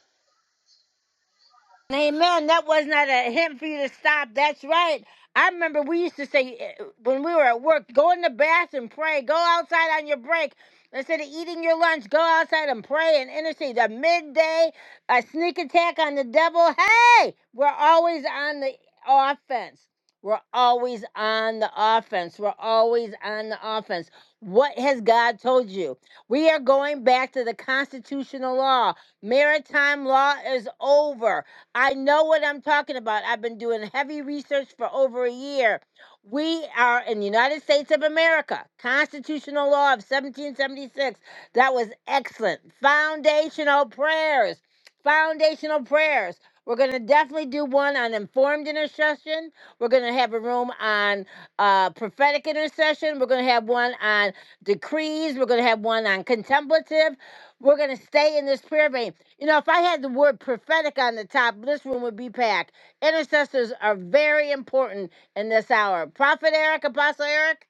A: Amen. That was not a hint for you to stop. That's right. I remember we used to say eh, when we were at work, go in the bathroom, pray, go outside on your break. Instead of eating your lunch, go outside and pray and intercede. A midday, a sneak attack on the devil. Hey, we're always on the offense. We're always on the offense. We're always on the offense. What has God told you? We are going back to the constitutional law. Maritime law is over. I know what I'm talking about. I've been doing heavy research for over a year. We are in the United States of America, constitutional law of 1776. That was excellent. Foundational prayers. Foundational prayers. We're going to definitely do one on informed intercession. We're going to have a room on uh, prophetic intercession. We're going to have one on decrees. We're going to have one on contemplative. We're going to stay in this prayer vein. You know, if I had the word prophetic on the top, this room would be packed. Intercessors are very important in this hour. Prophet Eric, Apostle Eric?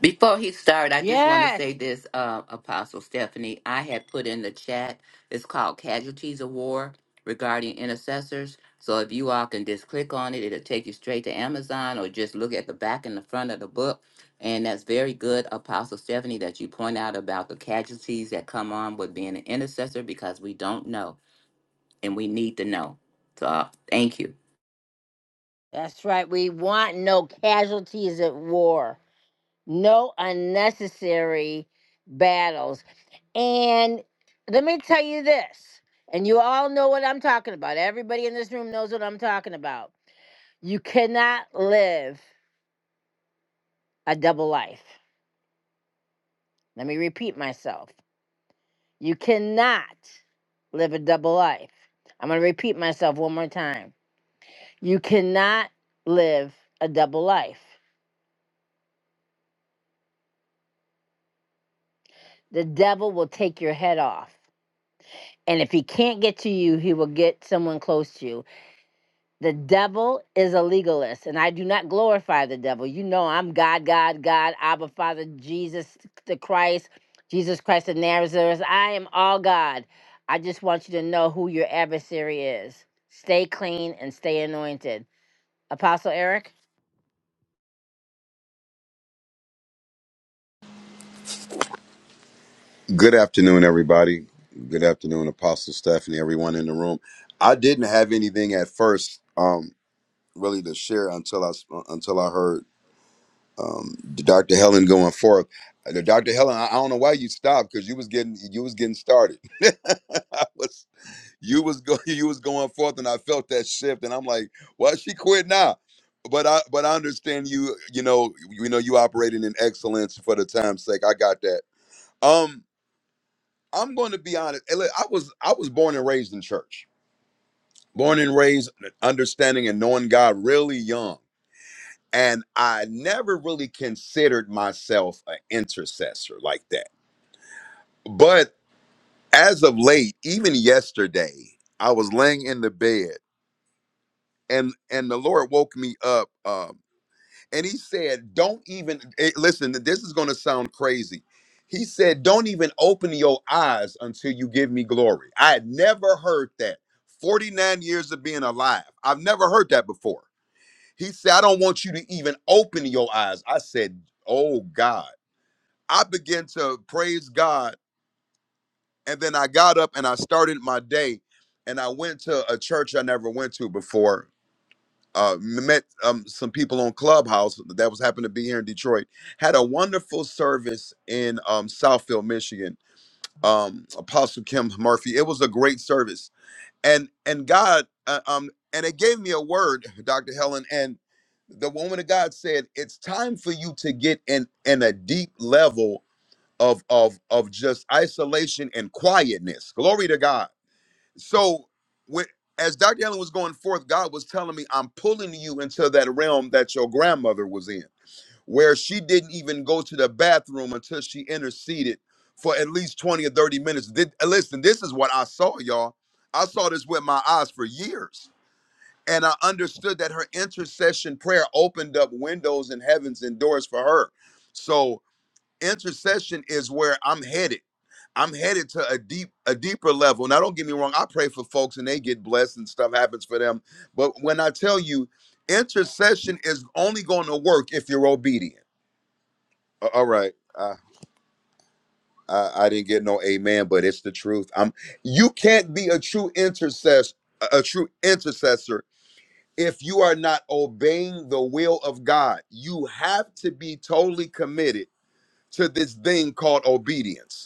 C: Before he started, I just want to
A: Yes.
C: say this, uh, Apostle Stephanie. I had put in the chat, it's called Casualties of War regarding intercessors. So if you all can just click on it, it'll take you straight to Amazon or just look at the back and the front of the book. And that's very good, Apostle Stephanie, that you point out about the casualties that come on with being an intercessor because we don't know and we need to know. So uh, thank you.
A: That's right. We want no casualties at war, no unnecessary battles. And let me tell you this, and you all know what I'm talking about. Everybody in this room knows what I'm talking about. You cannot live a double life. Let me repeat myself. You cannot live a double life. I'm going to repeat myself one more time. You cannot live a double life. The devil will take your head off. And if he can't get to you, he will get someone close to you. The devil is a legalist, and I do not glorify the devil. You know, I'm God, God, God, Abba, Father, Jesus, the Christ, Jesus Christ of Nazareth. I am all God. I just want you to know who your adversary is. Stay clean and stay anointed. Apostle Eric?
E: Good afternoon, everybody. Good afternoon, Apostle Stephanie, everyone in the room. I didn't have anything at first, um, really to share until I until I heard um, Dr. Helen going forth. Uh, Dr. Helen, I, I don't know why you stopped because you was getting you was getting started. I was you was go, you was going forth, and I felt that shift, and I'm like, well, she quit now. But I but I understand you. You know you know you operating in excellence for the time's sake. I got that. Um, I'm going to be honest. And look, I was I was born and raised in church, born and raised understanding and knowing God really young, and I never really considered myself an intercessor like that. But as of late, even yesterday, I was laying in the bed, and and the Lord woke me up. um, and he said, "Don't even eh, listen. This is going to sound crazy." He said, "Don't even open your eyes until you give me glory." I had never heard that. Forty-nine years of being alive, I've never heard that before. He said, "I don't want you to even open your eyes." I said, "Oh God!" I began to praise God, and then I got up and I started my day, and I went to a church I never went to before, uh, met um, some people on Clubhouse that was happened to be here in Detroit. Had a wonderful service in um, Southfield, Michigan. Um, Apostle Kim Murphy. It was a great service, and and God, uh, um, and it gave me a word, Doctor Helen, and the woman of God said, "It's time for you to get in in a deep level of of of just isolation and quietness." Glory to God so with, as Dr. Allen was going forth, God was telling me, I'm pulling you into that realm that your grandmother was in, where she didn't even go to the bathroom until she interceded for at least 20 or 30 minutes. Did, uh, listen, this is what I saw, y'all. I saw this with my eyes for years. And I understood that her intercession prayer opened up windows and heavens and doors for her. So intercession is where I'm headed. I'm headed to a deep, a deeper level. Now, don't get me wrong. I pray for folks and they get blessed and stuff happens for them. But when I tell you, intercession is only going to work if you're obedient. A- All right. I, I, I didn't get no amen, but it's the truth. I'm. You can't be a true intercessor, a a true intercessor, if you are not obeying the will of God. You have to be totally committed to this thing called obedience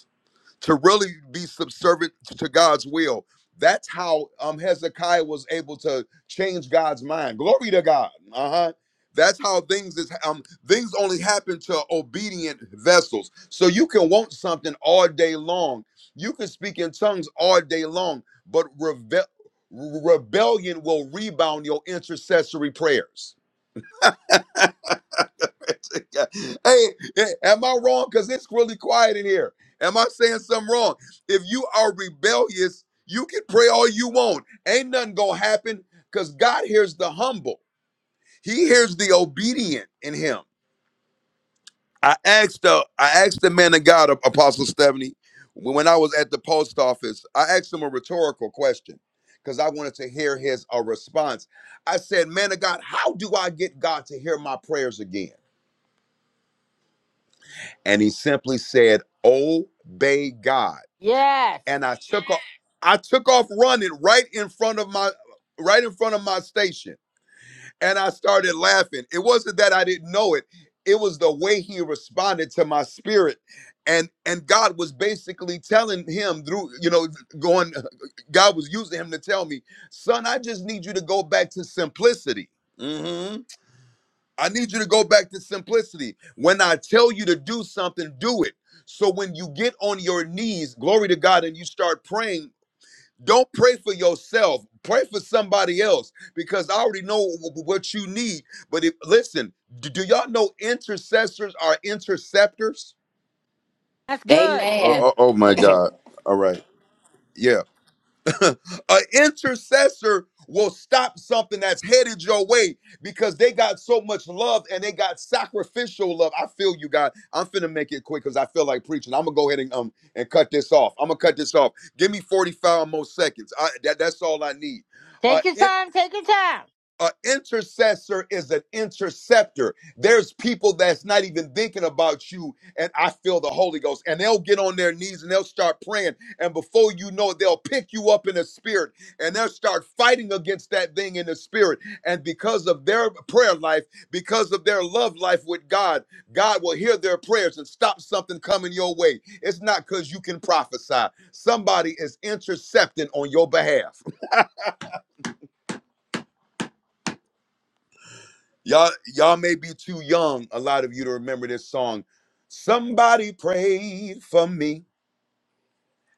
E: to really be subservient to God's will. That's how um, Hezekiah was able to change God's mind. Glory to God. Uh huh. That's how things is. Um, things only happen to obedient vessels. So you can want something all day long. You can speak in tongues all day long, but reve- rebellion will rebound your intercessory prayers. hey, hey, am I wrong? Because it's really quiet in here. Am I saying something wrong? If you are rebellious, you can pray all you want. Ain't nothing gonna happen because God hears the humble. He hears the obedient in him. I asked the I asked the man of God, Apostle Stephanie, when I was at the post office. I asked him a rhetorical question because I wanted to hear his uh, response. I said, "Man of God, how do I get God to hear my prayers again?" and he simply said, "Obey God."
A: Yes.
E: And I took off. I took off running right in front of my right in front of my station, and I started laughing. It wasn't that I didn't know it; it was the way he responded to my spirit, and and God was basically telling him through you know going. God was using him to tell me, "Son, I just need you to go back to simplicity." Mhm. I need you to go back to simplicity. When I tell you to do something, do it. So when you get on your knees, glory to God, and you start praying, don't pray for yourself. Pray for somebody else because I already know wh- wh- what you need. But if, listen, do, do y'all know intercessors are interceptors?
A: That's good.
E: Oh,
C: Amen.
E: oh, oh my God. All right. Yeah. an intercessor will stop something that's headed your way because they got so much love and they got sacrificial love. I feel you, God. I'm finna make it quick because I feel like preaching. I'm gonna go ahead and um and cut this off. I'm gonna cut this off. Give me 45 more seconds. I, that, that's all I need. Uh,
A: Take your
E: in,
A: time. Take your time.
E: an intercessor is an interceptor. There's people that's not even thinking about you, and I feel the Holy Ghost, and they'll get on their knees and they'll start praying, and before you know it, they'll pick you up in the spirit, and they'll start fighting against that thing in the spirit. And because of their prayer life, because of their love life with God, God will hear their prayers and stop something coming your way. It's not because you can prophesy. Somebody is intercepting on your behalf. Y'all, y'all may be too young, a lot of you to remember this song. Somebody prayed for me,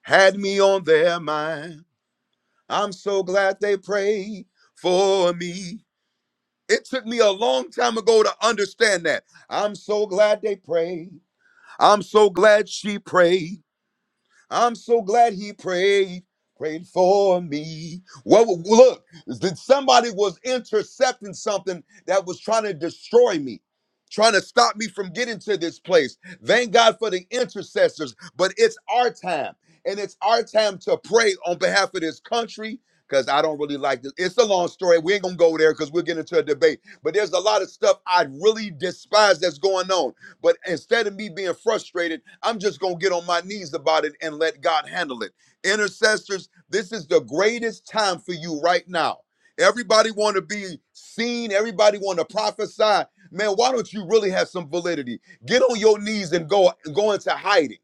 E: had me on their mind. I'm so glad they prayed for me. It took me a long time ago to understand that. I'm so glad they prayed. I'm so glad she prayed. I'm so glad he prayed, prayed for me. Well, look, that somebody was intercepting something that was trying to destroy me, trying to stop me from getting to this place. Thank God for the intercessors, but it's our time, and it's our time to pray on behalf of this country. Because I don't really like this. It's a long story. We ain't gonna go there because we'll get into a debate. But there's a lot of stuff I really despise that's going on but instead of me being frustrated, I'm just going to get on my knees about it and let God handle it. Intercessors, this is the greatest time for you right now. Everybody want to be seen, everybody want to prophesy. Man, why don't you really have some validity? Get on your knees and go go into hiding.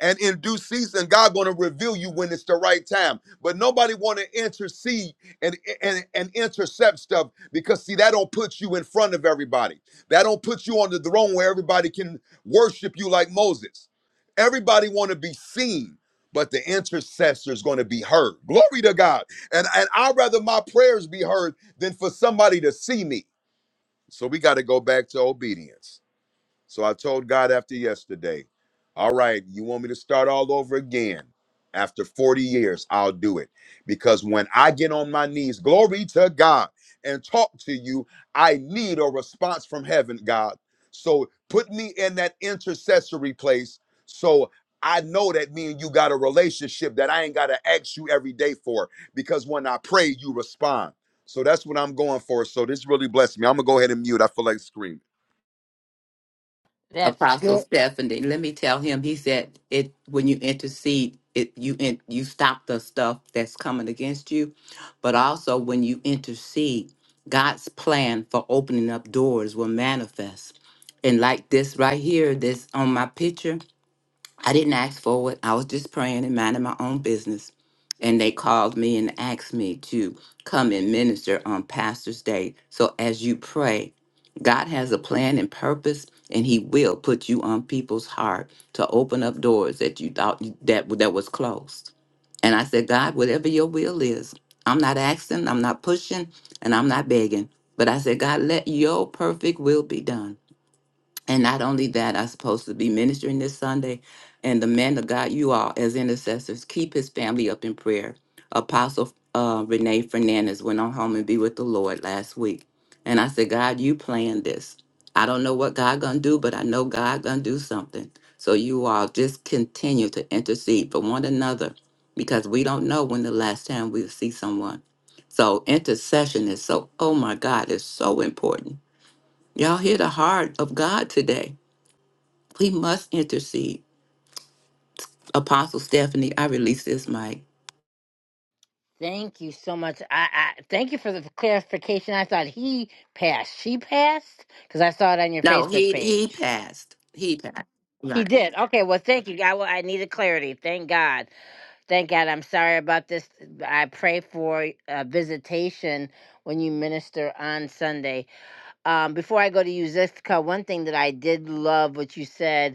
E: And in due season, God gonna reveal you when it's the right time. But nobody wanna intercede and, and, and intercept stuff because see, that don't put you in front of everybody. That don't put you on the throne where everybody can worship you like Moses. Everybody wanna be seen, but the intercessor is gonna be heard. Glory to God. And and I'd rather my prayers be heard than for somebody to see me. So we gotta go back to obedience. So I told God after yesterday, all right, you want me to start all over again? After 40 years, I'll do it. Because when I get on my knees, glory to God, and talk to you, I need a response from heaven, God. So put me in that intercessory place so I know that me and you got a relationship that I ain't got to ask you every day for. Because when I pray, you respond. So that's what I'm going for. So this really blessed me. I'm going to go ahead and mute. I feel like screaming.
A: That's
C: Apostle
A: good.
C: Stephanie. Let me tell him. He said it when you intercede, it you in, you stop the stuff that's coming against you, but also when you intercede, God's plan for opening up doors will manifest. And like this right here, this on my picture, I didn't ask for it. I was just praying and minding my own business. And they called me and asked me to come and minister on Pastor's Day. So as you pray, God has a plan and purpose, and He will put you on people's heart to open up doors that you thought you- that that was closed. And I said, God, whatever Your will is, I'm not asking, I'm not pushing, and I'm not begging. But I said, God, let Your perfect will be done. And not only that, I'm supposed to be ministering this Sunday. And the man of God, you all, as intercessors, keep his family up in prayer. Apostle uh, Renee Fernandez went on home and be with the Lord last week. And I said, God, you planned this. I don't know what God gonna do, but I know God gonna do something. So you all just continue to intercede for one another because we don't know when the last time we'll see someone. So intercession is so, oh my God, it's so important. Y'all hear the heart of God today we must intercede. Apostle Stephanie, I release this mic.
A: Thank you so much. I, I thank you for the clarification. I thought he passed. She passed because I saw it on your
C: No,
A: Facebook
C: he he
A: page.
C: passed. He passed.
A: He
C: Right.
A: did. Okay. Well, thank you. I, well, I needed clarity. Thank God. Thank God. I'm sorry about this. I pray for a visitation when you minister on Sunday. Um, before I go to you, Zithka, one thing that I did love what you said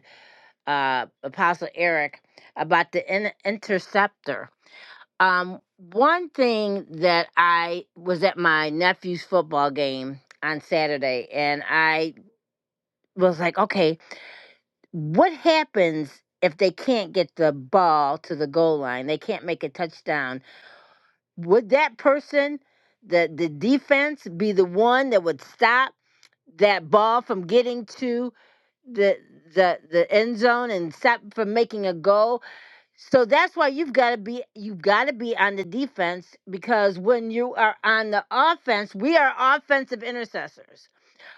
A: uh, Apostle Eric about the in- interceptor. Um, one thing that I was at my nephew's football game on Saturday, and I was like, okay, what happens if they can't get the ball to the goal line? They can't make a touchdown. Would that person, the the defense, be the one that would stop that ball from getting to the the the end zone and stop from making a goal? So that's why you've got to be you've got to be on the defense because when you are on the offense, we are offensive intercessors.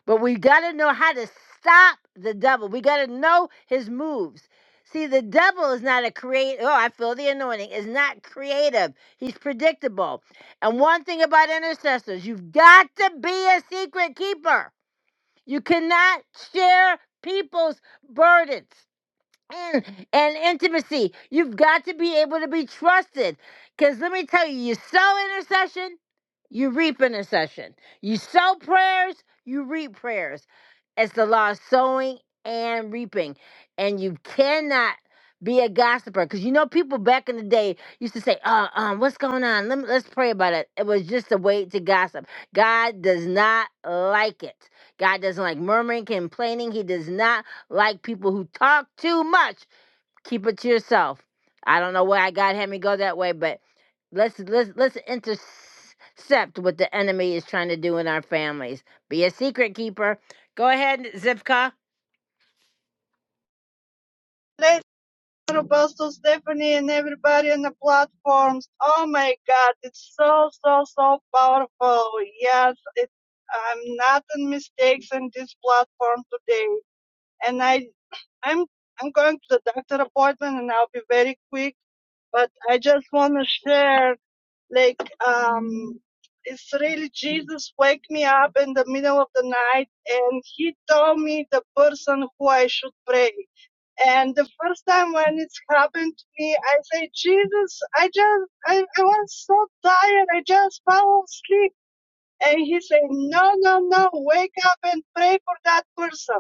A: But we got to know how to stop the devil. We got to know his moves. See, the devil is not a create. Oh, I feel the anointing. Is not creative. He's predictable. And one thing about intercessors, you've got to be a secret keeper. You cannot share people's burdens. Mm, and intimacy. You've got to be able to be trusted. Because let me tell you, you sow intercession, you reap intercession. You sow prayers, you reap prayers. It's the law of sowing and reaping. And you cannot be a gossiper. Because you know, people back in the day used to say, uh, um, what's going on? Let me, let's pray about it. It was just a way to gossip. God does not like it. God doesn't like murmuring, complaining. He does not like people who talk too much. Keep it to yourself. I don't know why God had me go that way, but let's let's let's intercept what the enemy is trying to do in our families. Be a secret keeper. Go ahead, Zivka.
F: later Buzz to Stephanie and everybody on the platforms. Oh my god, it's so so so powerful. Yes, it, I'm not in mistakes in this platform today, and I I'm I'm going to the doctor appointment and I'll be very quick. But I just want to share. Like, um, it's really Jesus wake me up in the middle of the night and he told me the person who I should pray. And the first time when it's happened to me, I say, Jesus, I just, I, I was so tired. I just fell asleep. And he said, no, no, no, wake up and pray for that person.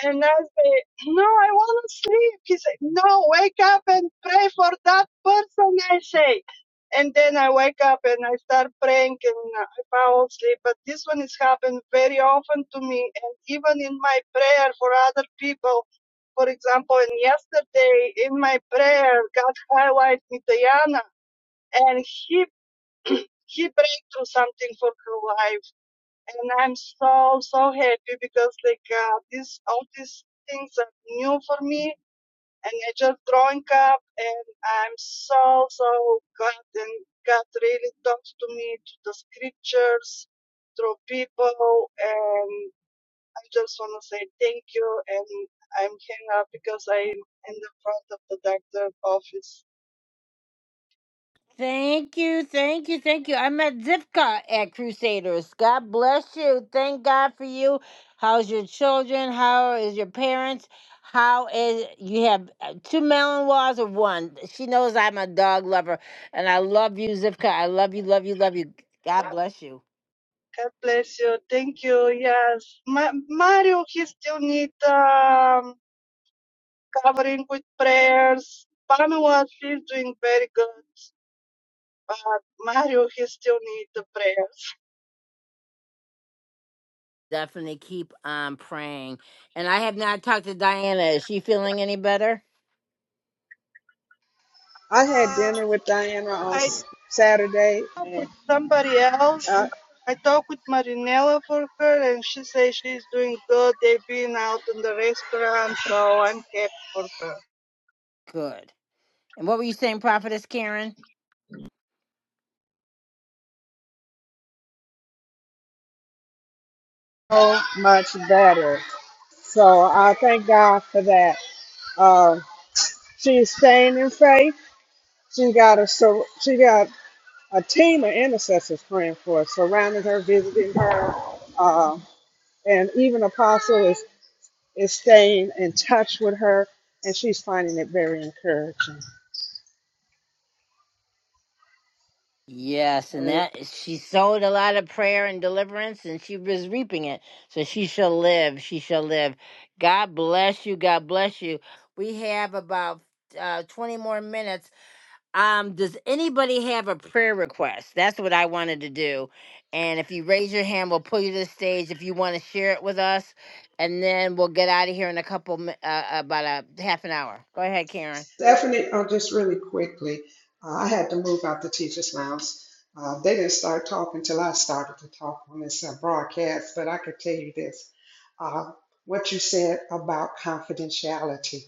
F: And I say, no, I want to sleep. He said, no, wake up and pray for that person, I say. And then I wake up and I start praying and I fall asleep. But this one has happened very often to me. And even in my prayer for other people, for example, and yesterday in my prayer, God highlighted me, Diana, and he, he breakthrough something for her life and I'm so so happy because like uh, this all these things are new for me, and I just growing up, and I'm so so glad and God really talks to me through the scriptures, through people, and I just wanna say thank you, and I'm hanging up because I'm in the front of the doctor office.
A: Thank you, thank you, thank you. I met Zipka at Crusaders. God bless you. Thank God for you. How's your children? How is your parents? How is you have uh, two melon laws or one? She knows I'm a dog lover, and I love you, Zipka. I love you, love you, love you. God bless you.
F: God bless you. Thank you. Yes, Ma- Mario, he still need um covering with prayers. Pamela, she's doing very good, but Mario, he still needs the prayers.
A: Definitely keep on praying. And I have not talked to Diana. Is she feeling any better?
D: I had
F: Uh,
D: dinner with Diana on
F: I
D: Saturday
F: talk
D: and
F: with somebody else.
D: uh,
F: I talked with Marinella for her, and she says she's doing good. They've been out in the restaurant, so I'm happy for her.
A: Good. And what were you saying, Prophetess Karen?
D: so much better. So I thank God for that. Uh, she's staying in faith. She got a sur- she got a team of intercessors praying for her, surrounding her, visiting her, uh, and even Apostle is is staying in touch with her, and she's finding it very encouraging.
A: Yes, and that she sowed a lot of prayer and deliverance, and she was reaping it. So she shall live. She shall live. God bless you. God bless you. We have about uh, twenty more minutes. Um, does anybody have a prayer request? That's what I wanted to do. And if you raise your hand, we'll pull you to the stage if you want to share it with us, and then we'll get out of here in a couple mi- uh, about a half an hour. Go ahead, Karen.
D: Stephanie, uh, just really quickly, uh, I had to move out the teachers' lounge. Uh, they didn't start talking till I started to talk on this uh, broadcast, but I could tell you this. Uh, what you said about confidentiality,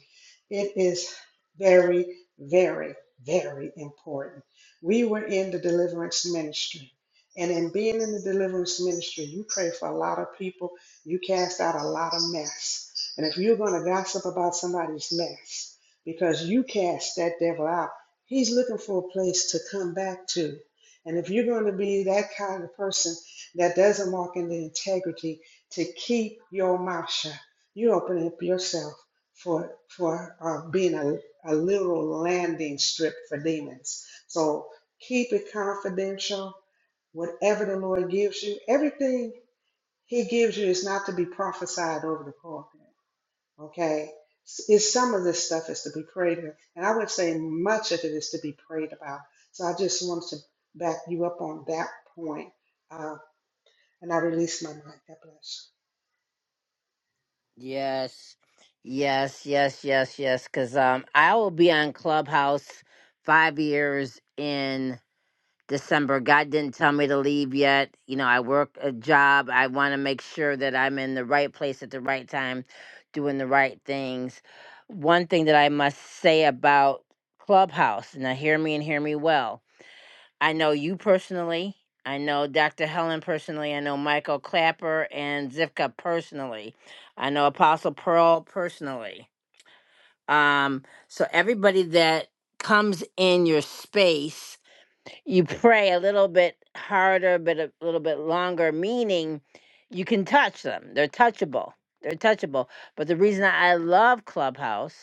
D: it is very, very, very important. We were in the deliverance ministry. And in being in the deliverance ministry, you pray for a lot of people, you cast out a lot of mess. And if you're going to gossip about somebody's mess, because you cast that devil out. He's looking for a place to come back to. And if you're going to be that kind of person that doesn't walk in the integrity to keep your mouth shut, you open up yourself for for uh, being a, a literal landing strip for demons. So keep it confidential. Whatever the Lord gives you, everything He gives you is not to be prophesied over the pulpit. Okay. Is some of this stuff is to be prayed with. And I would say much of it is to be prayed about. So I just wanted to back you up on that point. Uh, and I release my mic. God bless.
A: Yes, yes, yes, yes, yes. Because um, I will be on Clubhouse five years in December. God didn't tell me to leave yet. You know, I work a job. I want to make sure that I'm in the right place at the right time, doing the right things. One thing that I must say about Clubhouse, now hear me and hear me well I know you personally. I know Dr. Helen personally. I know Michael Clapper and Zivka personally. I know Apostle Pearl personally. Um, so everybody that comes in your space, you pray a little bit harder, but a little bit longer, meaning you can touch them. They're touchable. They're touchable. But the reason I love Clubhouse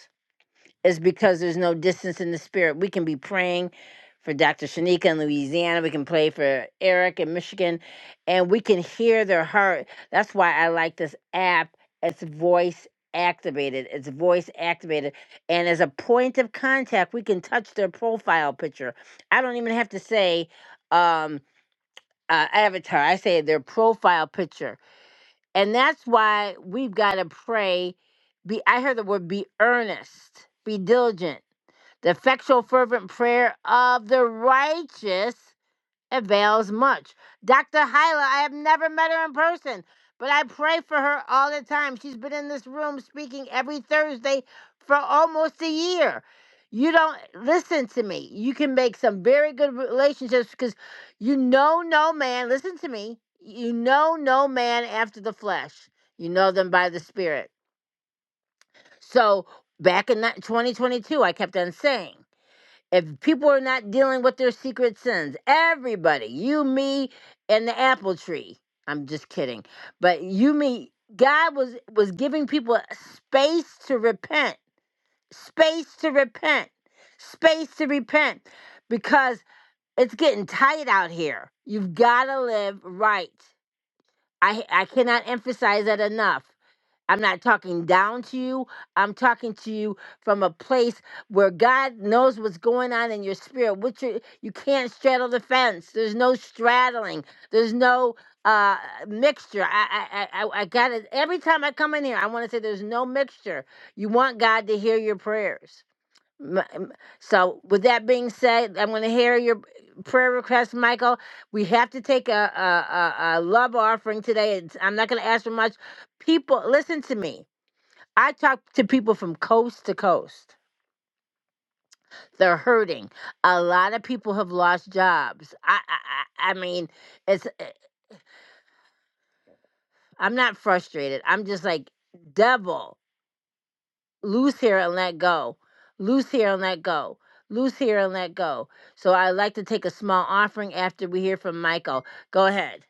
A: is because there's no distance in the spirit. We can be praying for Dr. Shanika in Louisiana. We can pray for Eric in Michigan, and we can hear their heart. That's why I like this app. It's voice activated. It's voice activated. And as a point of contact, we can touch their profile picture. I don't even have to say um, uh, avatar, I say their profile picture. And that's why we've got to pray. Be I heard the word be earnest, be diligent the effectual, fervent prayer of the righteous avails much. Dr. Hyla, I have never met her in person, but I pray for her all the time. She's been in this room speaking every Thursday for almost a year. You don't listen to me. You can make some very good relationships because you know no man. Listen to me. You know no man after the flesh. You know them by the spirit. So back in 2022, I kept on saying if people are not dealing with their secret sins, everybody, you, me, and the apple tree. I'm just kidding. But you, me, God was was giving people space to repent, space to repent, space to repent, because it's getting tight out here. You've got to live right. I I cannot emphasize that enough. I'm not talking down to you. I'm talking to you from a place where God knows what's going on in your spirit. What you you can't straddle the fence. There's no straddling. There's no uh mixture. I I I, I got it. Every time I come in here, I want to say there's no mixture. You want God to hear your prayers. M- m- So, with that being said, I'm going to hear your prayer request, Michael. We have to take a, a, a, a love offering today. It's, I'm not going to ask for much. People, listen to me. I talk to people from coast to coast. They're hurting. A lot of people have lost jobs. I, I, I I mean, it's. eh, I'm not frustrated. I'm just like, devil. loose here and let go, loose here and let go, loose here and let go. So I'd like to take a small offering after we hear from Michael. Go ahead.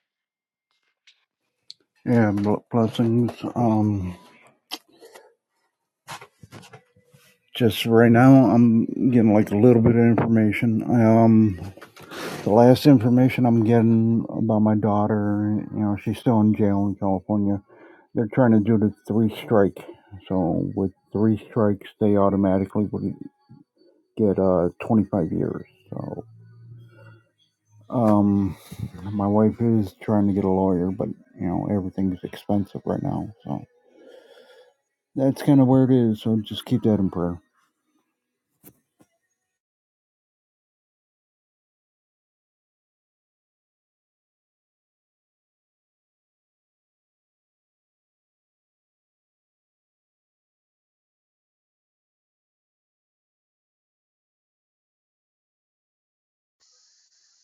G: Yeah, blessings. Um, just right now, I'm getting like a little bit of information. Um, the last information I'm getting about my daughter, you know, she's still in jail in California. They're trying to do the three strike. So with three strikes, they automatically would get uh 25 years. So, um, my wife is trying to get a lawyer, but you know, everything's expensive right now. So that's kind of where it is. So just keep that in prayer.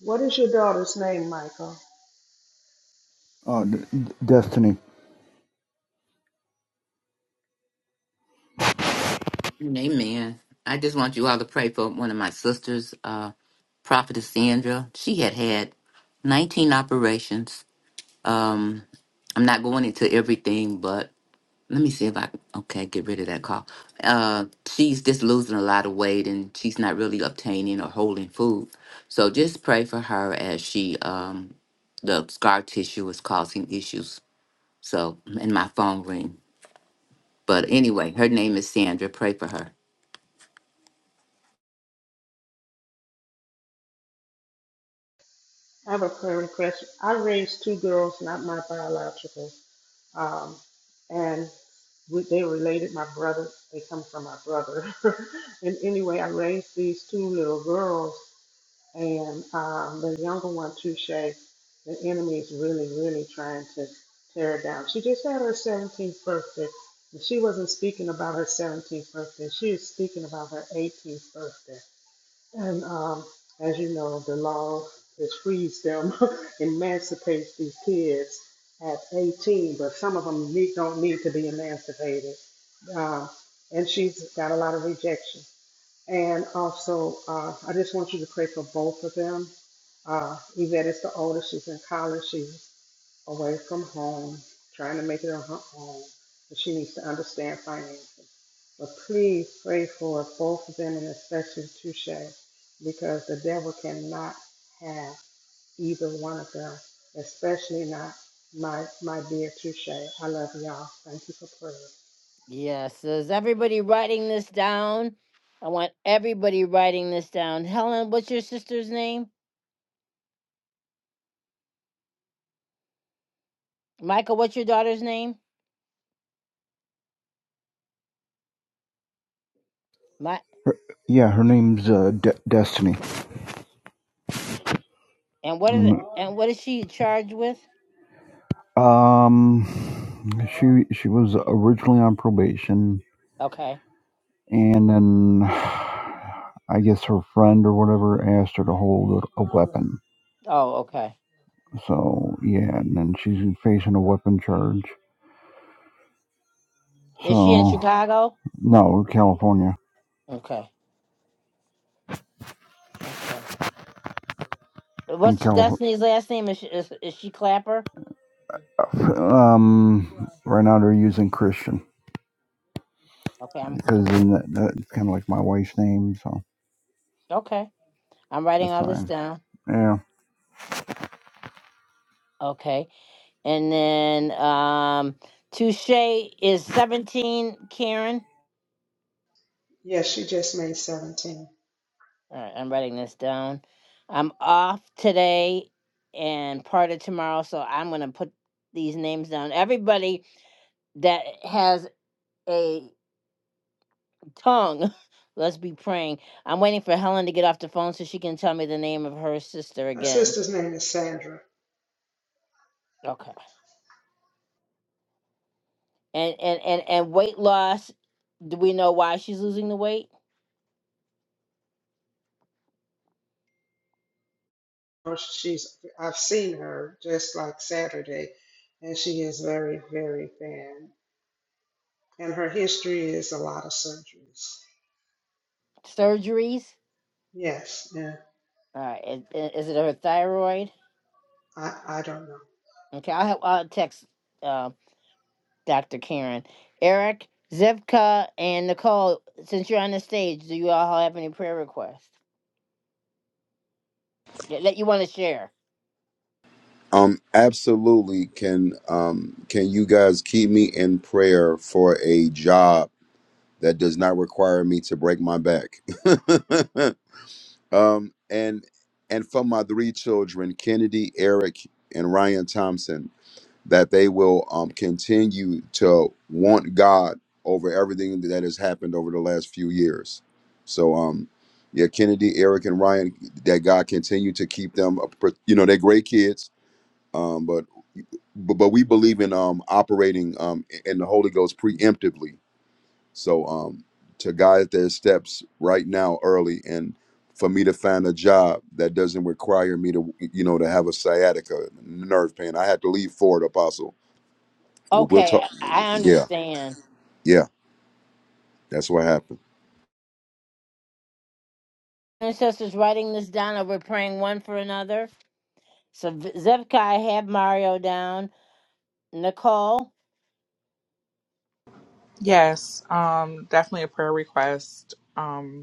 D: What is your daughter's name, Michael?
G: Uh, D- Destiny.
C: Amen. I just want you all to pray for one of my sisters, uh, Prophetess Sandra. She had had 19 operations. Um, I'm not going into everything, but Let me see if I can- okay get rid of that call. Uh, she's just losing a lot of weight and she's not really obtaining or holding food. So just pray for her as she um the scar tissue is causing issues. So and my phone ring. But anyway, her name is Sandra. Pray for her.
D: I have a prayer request. I raised two girls, not my biological. Um, and we- they related my brother. They come from my brother. and anyway, I raised these two little girls And um, the younger one, Touche, the enemy is really, really trying to tear her down. She just had her 17th birthday. And she wasn't speaking about her 17th birthday. She was speaking about her 18th birthday. And um, as you know, the law that frees them, emancipates these kids at 18, but some of them need, don't need to be emancipated. Um, and she's got a lot of rejection. And also, uh, I just want you to pray for both of them. Uh, Yvette is the oldest. She's in college. She's away from home, trying to make it on her own. But she needs to understand finances. But please pray for both of them and especially Touche because the devil cannot have either one of them, especially not my my dear Touche. I love y'all. Thank you for praying.
A: Yes, is everybody writing this down? I want everybody writing this down. Helen, what's your sister's name? Michael, what's your daughter's name? My
G: Yeah, her name's uh, De- Destiny.
A: and what is
G: Um,
A: and what is she charged with?
G: um, she she was originally on probation,
A: Okay.
G: and then I guess her friend or whatever asked her to hold a, a weapon.
A: Oh, okay.
G: So yeah, and then she's facing a weapon charge.
A: Is she in
G: So
A: Chicago?
G: no, California.
A: Okay. Okay.
G: In
A: What's
G: California,
A: Destiny's last name? Is she, is, is she Clapper?
G: um, right now they're using Christian
A: Okay. I'm
G: because that, that's kind of like my wife's name, so
A: okay. I'm writing
G: that's
A: all this
G: fine.
A: down.
G: Yeah.
A: Okay. And then um Touche is 17, Karen.
D: Yes, she just made 17.
A: All right, I'm writing this down. I'm off today and part of tomorrow, so I'm going to put these names down. Everybody that has a tongue, let's be praying. I'm waiting for Helen to get off the phone so she can tell me the name of her sister
D: Her
A: again.
D: sister's name is Sandra.
A: Okay. And and and and weight loss, do we know why she's losing the weight?
D: know she's I've seen her just like Saturday, and she is very, very thin. And her history is a lot of surgeries.
A: Surgeries?
D: Yes, and
A: All right. Is, is it her thyroid?
D: I, I don't know.
A: Okay. I'll help. I'll text uh, Dr. Karen, Eric, Zevka, and Nicole. Since you're on the stage, do you all have any prayer requests that that you want to share?
E: Um, absolutely. Can um can you guys keep me in prayer for a job that does not require me to break my back? um and and for my three children, Kennedy, Eric, and Ryan Thompson, that they will um continue to want God over everything that has happened over the last few years. So um yeah, Kennedy, Eric, and Ryan, that God continue to keep them, uh, pr- you know, they're great kids um, but but, but we believe in um, operating um, in the Holy Ghost preemptively. So um, to guide their steps right now, early, and for me to find a job that doesn't require me to, you know, to have a sciatica, nerve pain. I had to leave for it, Apostle. We'll
A: Okay,
E: talk.
A: I, I
E: Yeah,
A: understand.
E: yeah, that's what happened.
A: Ancestors writing this down, and we're praying one for another. So V- Zevka, I have Mario down. Nicole,
B: Yes, um, definitely a prayer request. Um,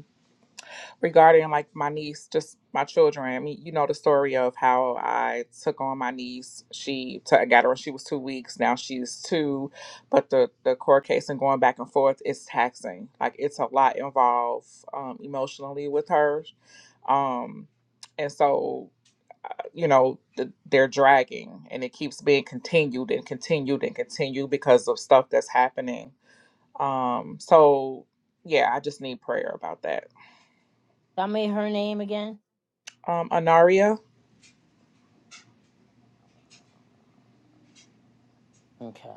B: regarding like my niece, just my children. I mean, you know the story of how I took on my niece. She t- I got her when she was two weeks. Now she's two, but the the court case and going back and forth is taxing. Like it's a lot involved um, emotionally with her, um, and so you know th- they're dragging, and it keeps being continued and continued and continued because of stuff that's happening. Um, so yeah, I just need prayer about that.
A: tell me her name again.
B: Um, Anaria.
A: Okay.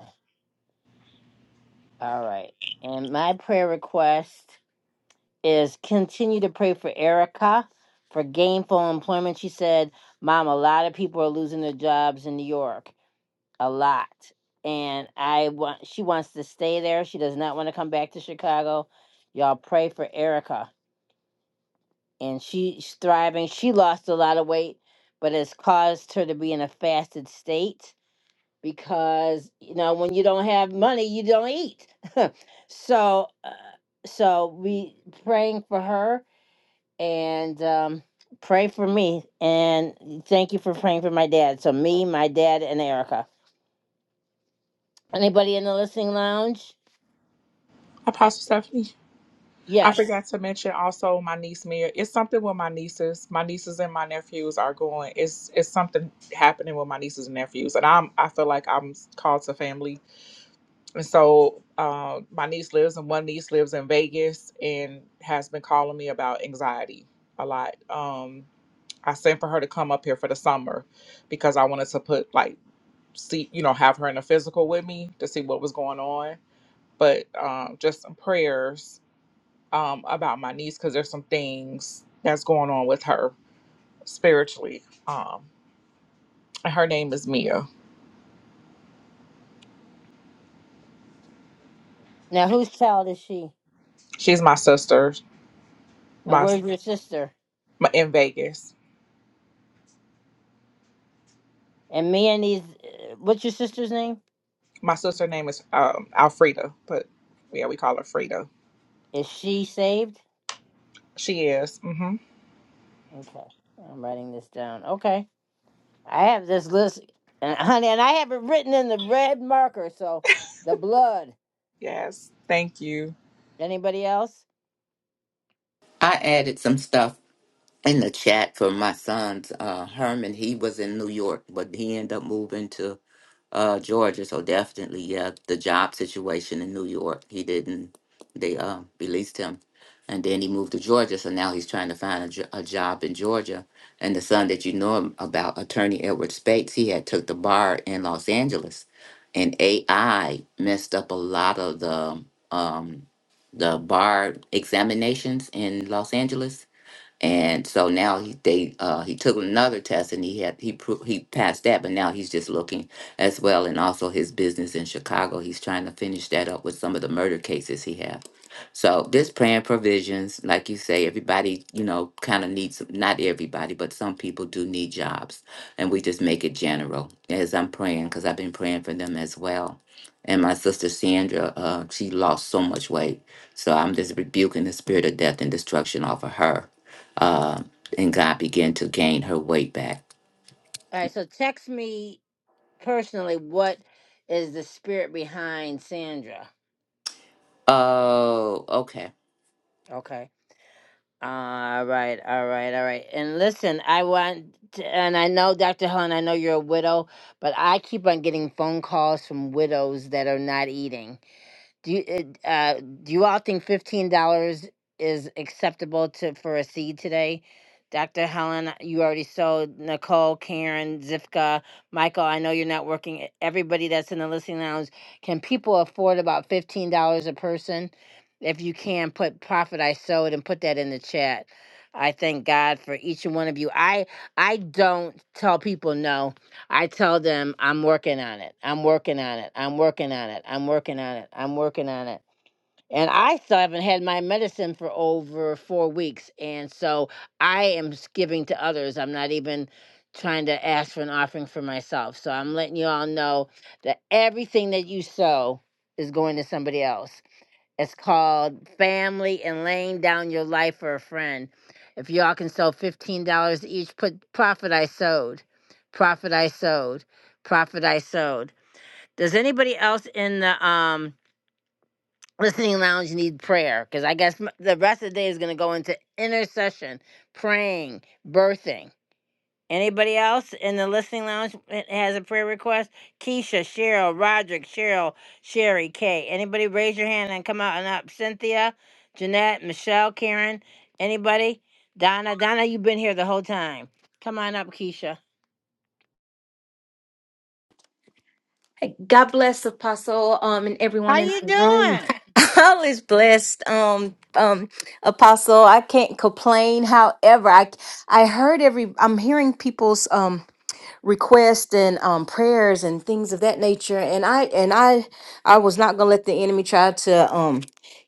A: All right. And my prayer request. is continue to pray for Erica for gainful employment. She said, Mom, a lot of people are losing their jobs in New York. A lot. And I want she wants to stay there. She does not want to come back to Chicago. Y'all pray for Erica. And she's thriving. She lost a lot of weight, but it's caused her to be in a fasted state because you know when you don't have money, you don't eat. so uh, so we praying for her and um, pray for me. And thank you for praying for my dad. So me, my dad, and Erica. Anybody in the listening lounge?
B: Apostle Stephanie, I
A: Yes.
B: forgot to mention also my niece Mia. It's something with my nieces. My nieces and my nephews are going. It's it's something happening with my nieces and nephews, and I'm I feel like I'm called to family. And so uh, my niece lives, and one niece lives in Vegas, and has been calling me about anxiety a lot. Um, I sent for her to come up here for the summer because I wanted to put like see you know have her in a physical with me to see what was going on but um, just some prayers um, about my niece because there's some things that's going on with her spiritually. Um, and her name is Mia.
A: Now, whose child is she?
B: She's my sister.
A: And
B: My,
A: where's your sister?
B: my in Vegas.
A: And me and these. uh, What's your sister's name?
B: My sister name is um, Alfreda, but yeah, we call her Frida.
A: Is she saved?
B: She is. hmm
A: Okay, I'm writing this down. Okay, I have this list, and honey, and I have it written in the red marker. So the blood.
B: Yes. Thank you.
A: Anybody else?
C: I added some stuff in the chat for my son's uh Herman. He was in New York, but he ended up moving to uh Georgia. So definitely, yeah, the job situation in New York. He didn't. They uh released him, and then he moved to Georgia. So now he's trying to find a, jo- a job in Georgia. And the son that you know him about, attorney Edward Spates, he had took the bar in Los Angeles, and AI messed up a lot of the um the bar examinations in Los Angeles and so now he they uh, he took another test and he had he pro- he passed that, but now he's just looking as well, and also his business in Chicago. He's trying to finish that up with some of the murder cases he have. So this praying provisions, like you say, everybody you know kind of needs not everybody, but some people do need jobs, and we just make it general as I'm praying because I've been praying for them as well. And my sister Sandra, uh, she lost so much weight, so I'm just rebuking the spirit of death and destruction off of her uh, and God began to gain her weight back.
A: All right. So text me personally, what is the spirit behind Sandra?
C: Oh, okay.
A: Okay. All right, all right, all right. And listen, I want, to, and I know, Dr. Helen, I know you're a widow, but I keep on getting phone calls from widows that are not eating. Do you uh, uh, do you all think fifteen dollars is acceptable to for a seed today? Dr. Helen, you already sold Nicole, Karen, Zifka, Michael. I know you're not working. e- Everybody that's in the listening lounge, can people afford about fifteen dollars a person? If you can, put profit I sowed and put that in the chat. I thank God for each and one of you. I I don't tell people no I tell them I'm working on it. I'm working on it. I'm working on it. I'm working on it. I'm working on it. And I still haven't had my medicine for over four weeks. And so I am s- giving to others. I'm not even trying to ask for an offering for myself. So I'm letting you all know that everything that you sow is going to somebody else. It's called Family and Laying Down Your Life for a Friend. If y'all can sell $15 each, put profit I sowed. Profit I sowed. Profit I sowed. Does anybody else in the um listening lounge need prayer? Because I guess m- the rest of the day is going to go into intercession, praying, birthing. Anybody else in the listening lounge that has a prayer request? Keisha, Cheryl, Roderick, Cheryl, Sherry, Kay. Anybody raise your hand and come out and up? Cynthia, Jeanette, Michelle, Karen. Anybody? Donna, Donna, you've been here the whole time. Come on up, Keisha.
H: God bless Apostle um and everyone
A: How
H: in
A: you
H: the room.
A: doing?
H: I was blessed, um, um, Apostle. I can't complain. However, I I heard every I'm hearing people's um requests and um prayers and things of that nature, and I and I I was not gonna let the enemy try to um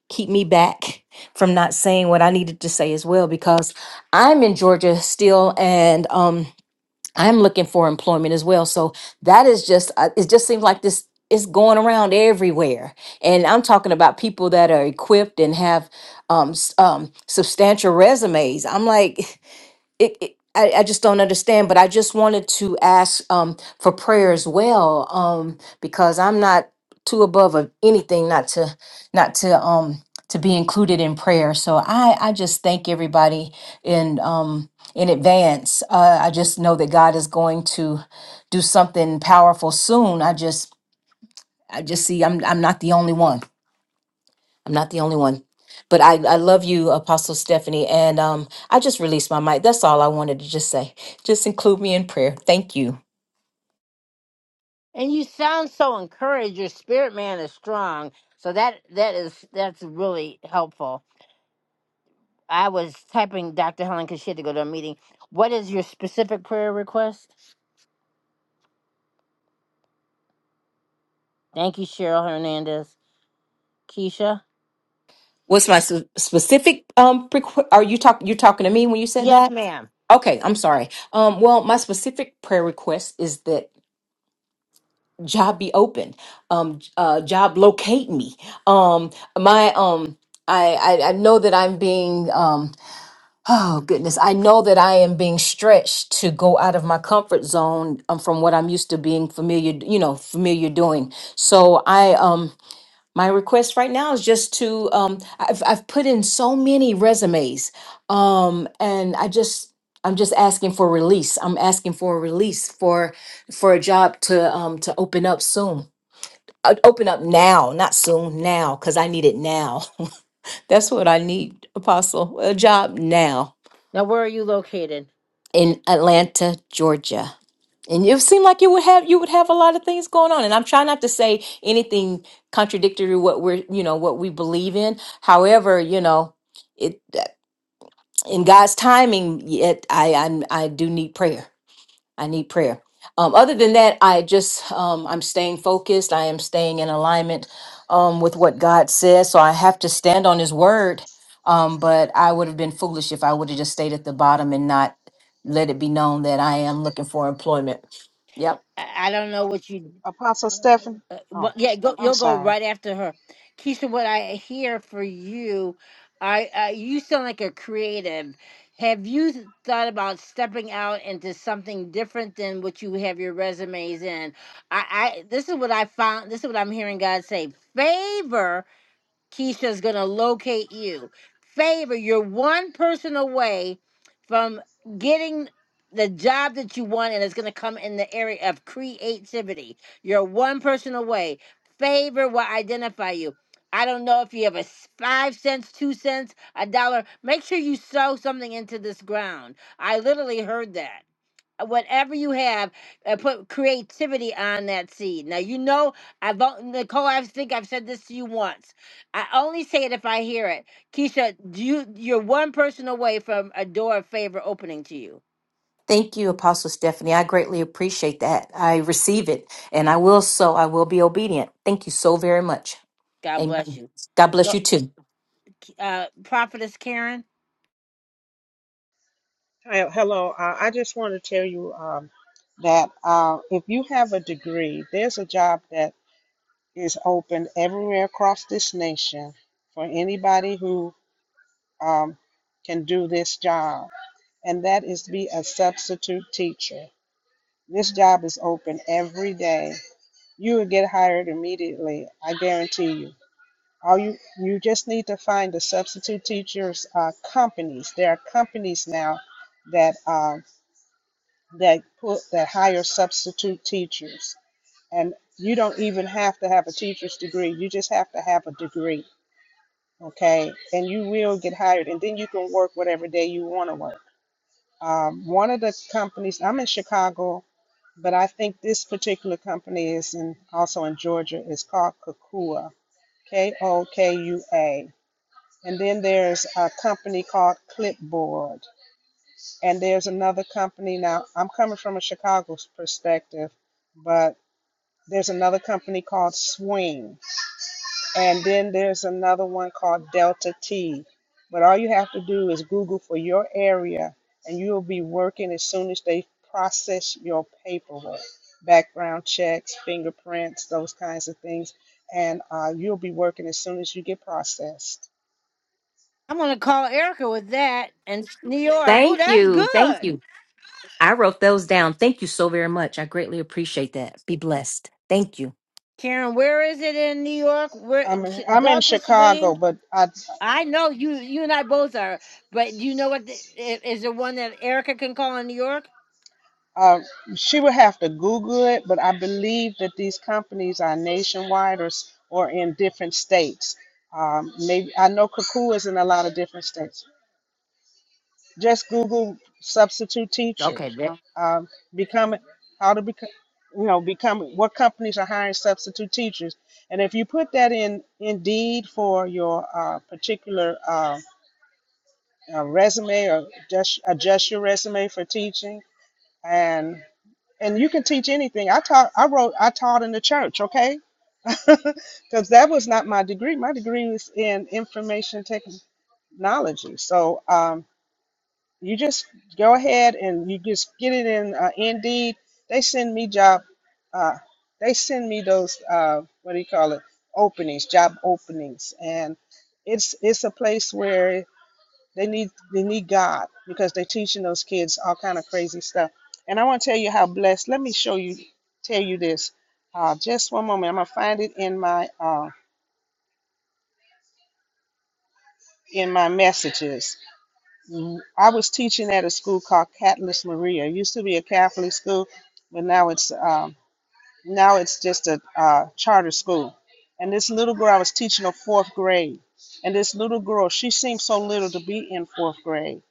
H: keep me back from not saying what I needed to say as well because I'm in Georgia still and um I'm looking for employment as well. So that is just, uh, it just seems like this is going around everywhere. And I'm talking about people that are equipped and have um, s- um, substantial resumes. I'm like, it, it I, I just don't understand, but I just wanted to ask um, for prayer as well, um, because I'm not too above of anything not to not to um to be included in prayer. So I I just thank everybody in um in advance. Uh, I just know that God is going to do something powerful soon. I just I just see I'm I'm not the only one. I'm not the only one. But I, I love you, Apostle Stephanie. And um, I just released my mic. That's all I wanted to just say. Just include me in prayer. Thank you.
A: And you sound so encouraged. Your spirit man is strong. So that that is that's really helpful. I was typing Dr. Helen because she had to go to a meeting. What is your specific prayer request? Thank you, Cheryl Hernandez. Keisha?
H: What's my s- specific um prequ- are you talk you talking to me when you said
A: Yes,
H: that?
A: ma'am.
H: Okay, I'm sorry. Um well, my specific prayer request is that job be open. Um j- uh job locate me. Um my um I I, I know that I'm being um Oh goodness, I know that I am being stretched to go out of my comfort zone um, from what I'm used to being familiar, you know, familiar doing. So I um my request right now is just to um I've I've put in so many resumes. Um and I just I'm just asking for release. I'm asking for a release for for a job to um to open up soon. Uh, open up now, not soon, now cuz I need it now. That's what I need, apostle. A job now.
A: Now, where are you located?
H: in Atlanta, Georgia. And it seemed like you would have you would have a lot of things going on. And I'm trying not to say anything contradictory to what we're you know what we believe in. However, you know it in God's timing. Yet I I, I do need prayer. I need prayer. Um, other than that, I just um, I'm staying focused. I am staying in alignment um, with what God says. So I have to stand on His word. Um, but I would have been foolish if I would have just stayed at the bottom and not let it be known that I am looking for employment. Yep.
A: I, I don't know what you.
D: Apostle Stephen,
A: Uh,
D: oh,
A: what, yeah, go,
D: I'm
A: you'll go
D: sorry.
A: right after her. Keisha, what I hear for you, I uh, you sound like a creative. Have you thought about stepping out into something different than what you have your resumes in? I, I this is what I found. This is what I'm hearing God say. Favor Keisha's going to locate you. Favor, you're one person away from getting the job that you want, and it's going to come in the area of creativity. You're one person away. Favor will identify you. I don't know if you have a s- five cents, two cents, a dollar. Make sure you sow something into this ground. I literally heard that Uh, whatever you have, uh, put creativity on that seed. Now you know I've al- Nicole. I think I've said this to you once. I only say it if I hear it. Keisha, do you you're one person away from a door of favor opening to you.
H: Thank you, Apostle Stephanie. I greatly appreciate that. I receive it, and I will so. I will be obedient. Thank you so very much.
A: God
H: Amen.
A: bless you.
H: God bless
A: Well,
H: you too.
A: Uh, Prophetess Karen,
D: Hi, hello. Uh, I just want to tell you um, that uh, if you have a degree, there's a job that is open everywhere across this nation for anybody who um, can do this job, and that is to be a substitute teacher. This job is open every day. You will get hired immediately, I guarantee you. All you you just need to find the substitute teachers uh, companies. There are companies now that um, that put that hire substitute teachers, and you don't even have to have a teacher's degree. You just have to have a degree, okay? And you will get hired, and then you can work whatever day you want to work. Um, one of the companies I'm in Chicago but I think this particular company is in, also in Georgia. It's called Kakua, K O K U A. And then there's a company called Clipboard. And there's another company now. I'm coming from a Chicago perspective, but there's another company called Swing. And then there's another one called Delta T. But all you have to do is Google for your area and you'll be working as soon as they process your paperwork, background checks, fingerprints, those kinds of things. And uh, you'll be working as soon as you get processed.
A: I'm gonna call Erica with that and New York. Oh,
H: Thank
A: that's
H: you. Thank
A: good.
H: you. I wrote those down. Thank you so very much. I greatly appreciate that. Be blessed. Thank you.
A: Karen, where is it in New York? Where
D: I'm, I'm in
A: Delta
D: Chicago,
A: Swing?
D: but I,
A: I know you. You and I both are, but do you know what? The, i- is there one that Erica can call in New York?
D: Uh, she would have to Google it, but I believe that these companies are nationwide or s- or in different states. Um, maybe I know Kakoo is in a lot of different states. Just Google substitute teacher,
A: Okay. Then.
D: um, become how to become, you know, become what companies are hiring substitute teachers, and if you put that in Indeed for your uh, particular uh, uh, resume or just adjust your resume for teaching, and. and you can teach anything. I taught, I wrote, I taught in the church, okay? Because that was not my degree. My degree was in information technology. So um, you just go ahead and you just get it in uh, Indeed. They send me job, uh, they send me those, uh, what do you call it? Openings, job openings, and it's it's a place where they need they need God because they're teaching those kids all kind of crazy stuff. And I want to tell you how blessed. Let me show you, tell you this. Uh, just one moment. I'm gonna find it in my uh, in my messages. Mm, I was teaching at a school called Catalyst Maria. It used to be a Catholic school, but now it's um, now it's just a uh, charter school. And this little girl, I was teaching her fourth grade. And this little girl, she seemed so little to be in fourth grade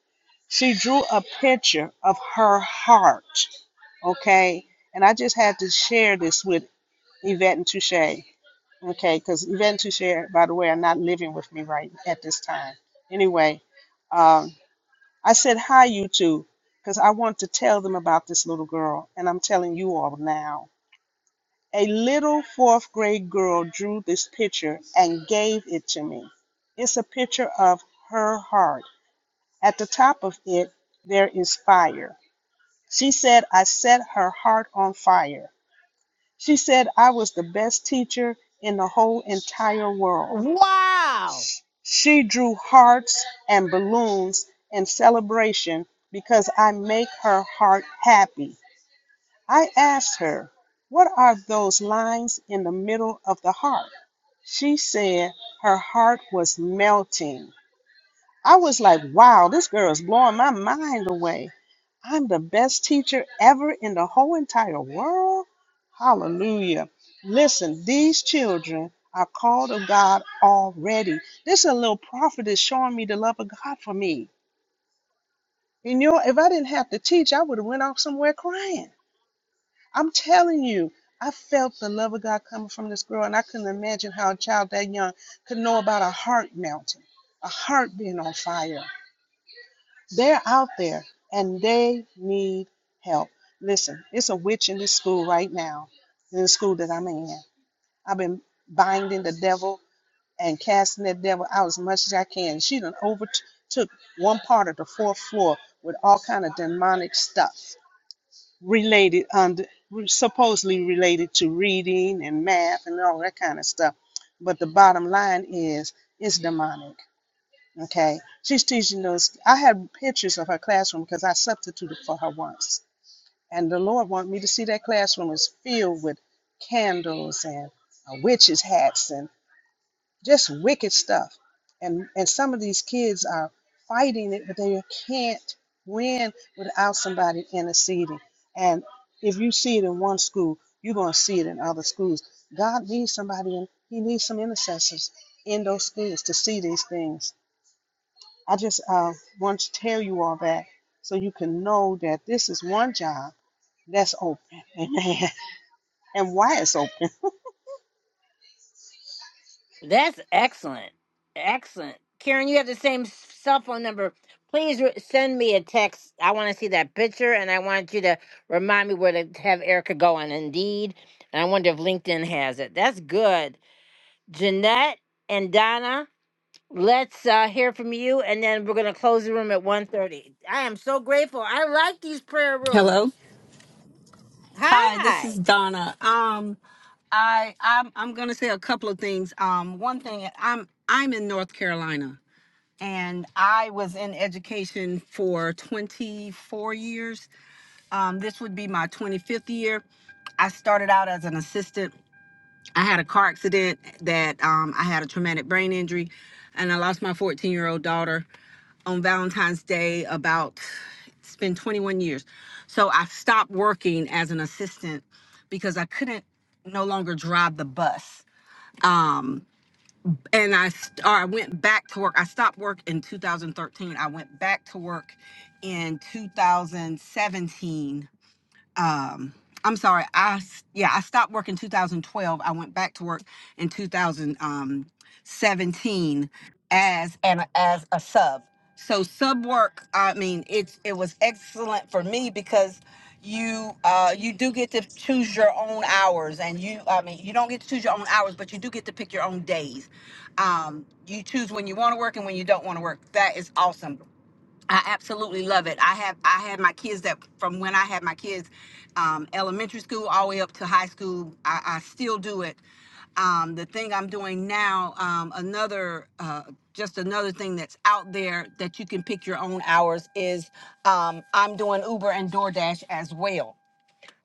D: she drew a picture of her heart. Okay. And I just had to share this with Yvette and Touche. Okay. Because Yvette and Touche, by the way, are not living with me right at this time. Anyway, um, I said, Hi, you two, because I want to tell them about this little girl. And I'm telling you all now. A little fourth grade girl drew this picture and gave it to me. It's a picture of her heart. At the top of it, there is fire she said, I set her heart on fire. She said, I was the best teacher in the whole entire world.
A: Wow.
D: She drew hearts and balloons in celebration because I make her heart happy. I asked her, What are those lines in the middle of the heart? She said her heart was melting. I was like, wow, this girl is blowing my mind away. I'm the best teacher ever in the whole entire world. Hallelujah. Listen, these children are called of God already. This is a little prophet is showing me the love of God for me. And you know, if I didn't have to teach, I would have went off somewhere crying. I'm telling you, I felt the love of God coming from this girl, and I couldn't imagine how a child that young could know about a heart melting, a heart being on fire. They're out there and they need help. Listen, it's a witch in this school right now, in the school that I'm in. I've been binding the devil and casting that devil out as much as I can. She done overtook one part of the fourth floor with all kind of demonic stuff related under supposedly related to reading and math and all that kind of stuff. But the bottom line is it's demonic Okay. She's teaching us. I have pictures of her classroom because I substituted for her once. And the Lord wanted me to see that classroom is filled with candles and uh, witches' hats and just wicked stuff. And, and some of these kids are fighting it, but they can't win without somebody interceding. And if you see it in one school, you're going to see it in other schools. God needs somebody, and He needs some intercessors in those schools to see these things I just uh, want to tell you all that so you can know that this is one job that's open. Amen. And why it's open.
A: That's excellent. Excellent. Karen, you have the same s- cell phone number. Please re- send me a text. I want to see that picture and I want you to remind me where to have Erica go on Indeed. And I wonder if LinkedIn has it. That's good. Jeanette and Donna, let's uh, hear from you and then we're going to close the room at one thirty. I am so grateful. I like these prayer
I: Hello.
A: rooms.
I: Hi, this is
A: Hi.
I: Donna. Um, I I'm I'm gonna say a couple of things. Um, one thing I'm I'm in North Carolina, and I was in education for 24 years. Um, this would be my 25th year. I started out as an assistant I had a car accident that um, I had a traumatic brain injury, and I lost my 14 year old daughter on Valentine's Day. About it's been 21 years, so I stopped working as an assistant because I couldn't no longer drive the bus. Um, and I st- or I went back to work. I stopped work in 2013. I went back to work in 2017 um I'm sorry. I am sorry I yeah, I stopped work in 2012. I went back to work in 2017 as and as a sub. So sub work, I mean, it's it was excellent for me because you uh you do get to choose your own hours and you I mean, you don't get to choose your own hours, but you do get to pick your own days. Um you choose when you want to work and when you don't want to work. That is awesome. I absolutely love it. I have I had my kids that from when I had my kids, um, elementary school all the way up to high school. I, I still do it. Um, the thing I'm doing now, um, another uh, just another thing that's out there that you can pick your own hours is um, I'm doing Uber and DoorDash as well.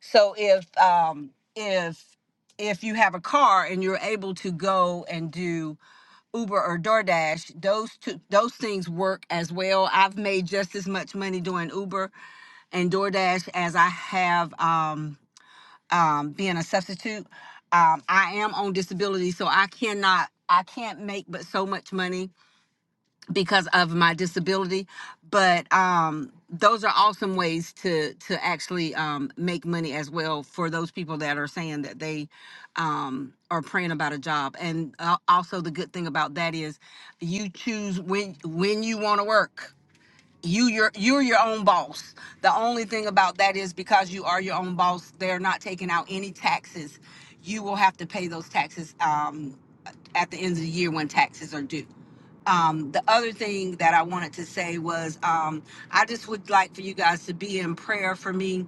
I: So if um if if you have a car and you're able to go and do Uber or DoorDash, those two those things work as well. I've made just as much money doing Uber and DoorDash as I have um um being a substitute. Um I am on disability, so I cannot I can't make but so much money because of my disability but um those are awesome ways to to actually um make money as well for those people that are saying that they um are praying about a job and uh, also the good thing about that is you choose when when you want to work you your you're your own boss the only thing about that is because you are your own boss they're not taking out any taxes you will have to pay those taxes um at the end of the year when taxes are due um, the other thing that I wanted to say was um, I just would like for you guys to be in prayer for me.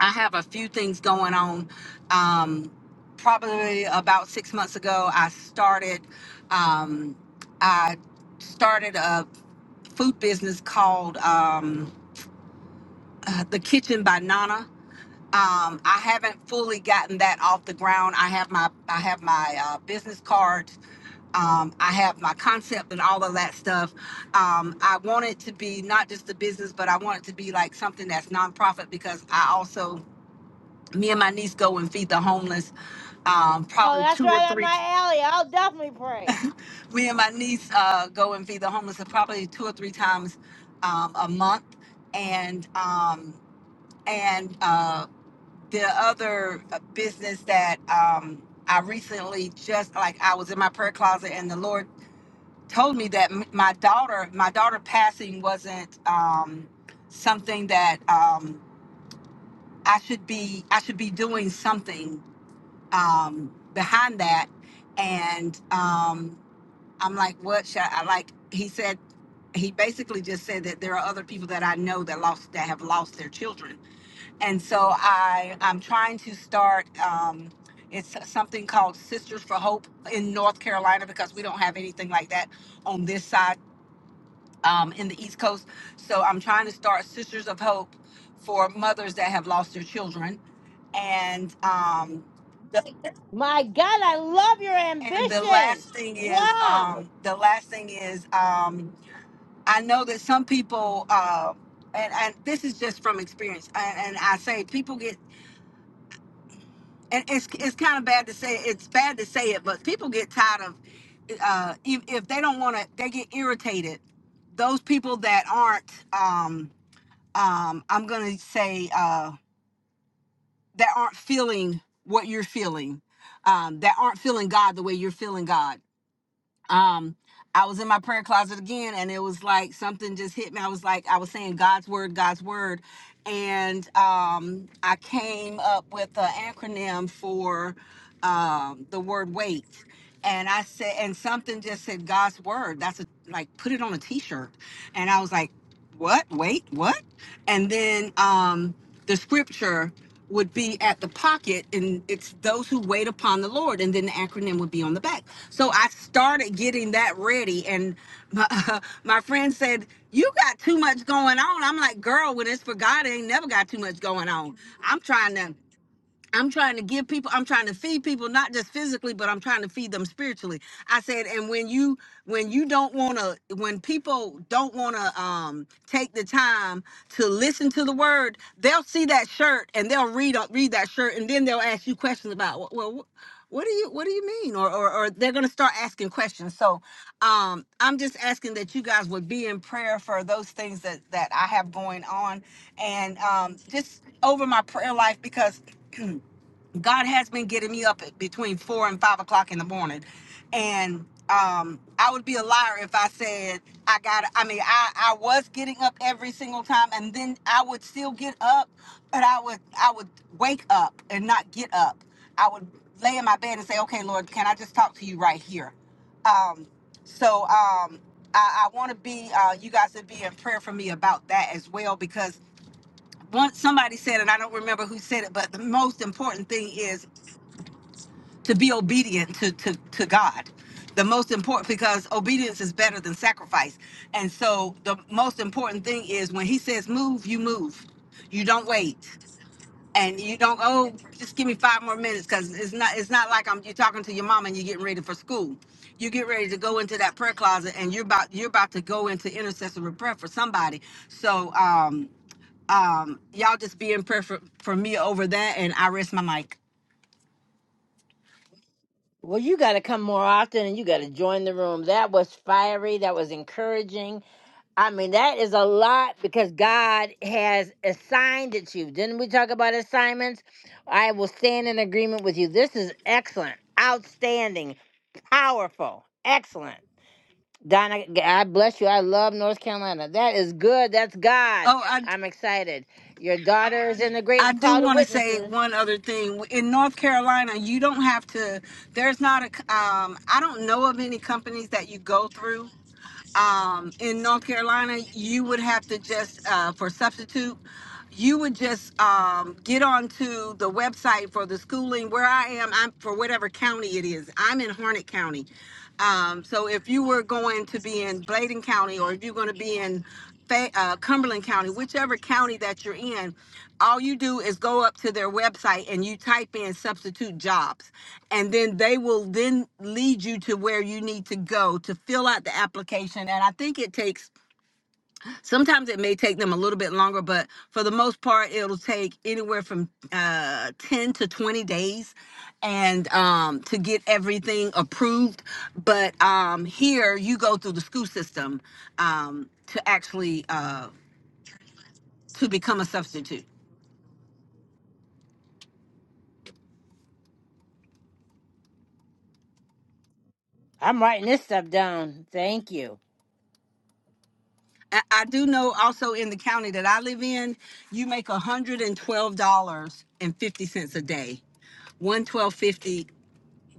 I: I have a few things going on. Um, probably about six months ago, I started. Um, I started a food business called um, uh, The Kitchen by Nana. Um, I haven't fully gotten that off the ground. I have my I have my uh, business card. Um, I have my concept and all of that stuff. Um, I want it to be not just a business, but I want it to be like something that's nonprofit because I also, me and my niece go and feed the homeless um,
A: Oh,
I: probably
A: that's
I: two or
A: right up
I: three.
A: my alley. I'll definitely pray.
I: Me and my niece uh, go and feed the homeless probably two or three times um, a month, and um, and uh, the other uh, business that um, I recently just like I was in my prayer closet and the Lord told me that m- my daughter, my daughter passing wasn't um, something that um, I should be. I should be doing something um, behind that. And um, I'm like, what? Should I like? He said. He basically just said that there are other people that I know that lost that have lost their children, and so I I'm trying to start. Um, it's something called Sisters for Hope in North Carolina because we don't have anything like that on this side um, in the East Coast. So I'm trying to start Sisters of Hope for mothers that have lost their children. And um, the,
A: My God, I love your
I: and the
A: ambition.
I: last thing is
A: Wow.
I: um, the last thing is um, I know that some people uh, and and this is just from experience. And, and I say people get. And it's, it's kind of bad to say it's bad to say it, but people get tired of uh, if, if they don't want to they get irritated. Those people that aren't um, um, I'm gonna say uh. that aren't feeling what you're feeling, um, that aren't feeling God the way you're feeling God. Um, I was in my prayer closet again, and it was like something just hit me. I was like, I was saying God's word, God's word, and um, I came up with an acronym for um, the word wait. And I said, and something just said God's word. That's a, like, put it on a t shirt. And I was like, what? Wait, what? And then um, the scripture would be at the pocket, and it's those who wait upon the Lord. And then the acronym would be on the back. So I started getting that ready. And my, my friend said, You got too much going on. I'm like, Girl, when it's for God, I ain't never got too much going on. I'm trying to. I'm trying to give people, I'm trying to feed people, not just physically, but I'm trying to feed them spiritually. I said, and when you when you don't wanna when people don't wanna um take the time to listen to the word, they'll see that shirt and they'll read uh, read that shirt and then they'll ask you questions about well wh- what do you what do you mean? Or, or or they're gonna start asking questions. So um I'm just asking that you guys would be in prayer for those things that that I have going on and um just over my prayer life because God has been getting me up at between four and five o'clock in the morning, and um, I would be a liar if I said I got. I mean, I I was getting up every single time, and then I would still get up, but I would I would wake up and not get up. I would lay in my bed and say, "Okay, Lord, can I just talk to you right here?" Um, so um, I, I want to be, uh, you guys to be in prayer for me about that as well, because once somebody said, and I don't remember who said it, but the most important thing is to be obedient to, to, to God. The most important, because obedience is better than sacrifice. And so the most important thing is when he says move, you move. You don't wait. And you don't, oh, just give me five more minutes because it's not it's not like I'm you're talking to your mom and you're getting ready for school. You get ready to go into that prayer closet and you're about you're about to go into intercessory prayer for somebody. So um um y'all just be in prayer for, for me over that and I rest my mic.
A: Well, you got to come more often and you got to join the room. That was fiery. That was encouraging. I mean, that is a lot because God has assigned it to you. Didn't we talk about assignments? I will stand in agreement with you. This is excellent, outstanding, powerful, excellent. Donna, God bless you. I love North Carolina. That is good. That's God.
I: Oh, I
A: I'm excited. Your daughter is in the
I: I
A: great
I: do
A: cloud of
I: want to say
A: witnesses.
I: one other thing. In North Carolina, you don't have to. There's not a. c- Um, I don't know of any companies that you go through. Um, in North Carolina, you would have to just uh, for substitute. You would just um, get onto the website for the schooling where I am. I'm for whatever county it is. I'm in Harnett County. Um, so if you were going to be in Bladen County, or if you're going to be in Fa- uh, Cumberland County, whichever county that you're in, all you do is go up to their website and you type in substitute jobs. And then they will then lead you to where you need to go to fill out the application. And I think it takes, sometimes it may take them a little bit longer, but for the most part, it'll take anywhere from uh, 10 to 20 days and um, to get everything approved. But um, here you go through the school system. Um, to actually uh, to become a substitute.
A: I'm writing this stuff down. Thank you.
I: I I do know also in the county that I live in, you make one hundred and twelve dollars and fifty cents a day. One hundred twelve fifty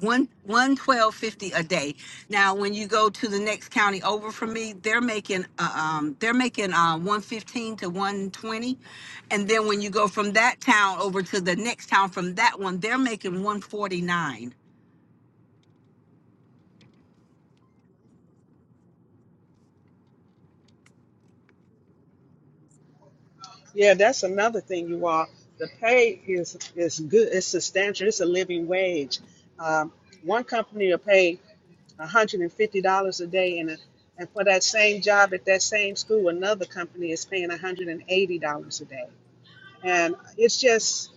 I: one one twelve fifty a day. Now, when you go to the next county over from me, they're making uh, um they're making uh one fifteen to one twenty, and then when you go from that town over to the next town from that one, they're making one forty nine.
D: Yeah, that's another thing, you all. The pay is is good. It's substantial. It's a living wage. Um, one company will pay $150 a day, and, a, and for that same job at that same school, another company is paying $180 a day. And it's just,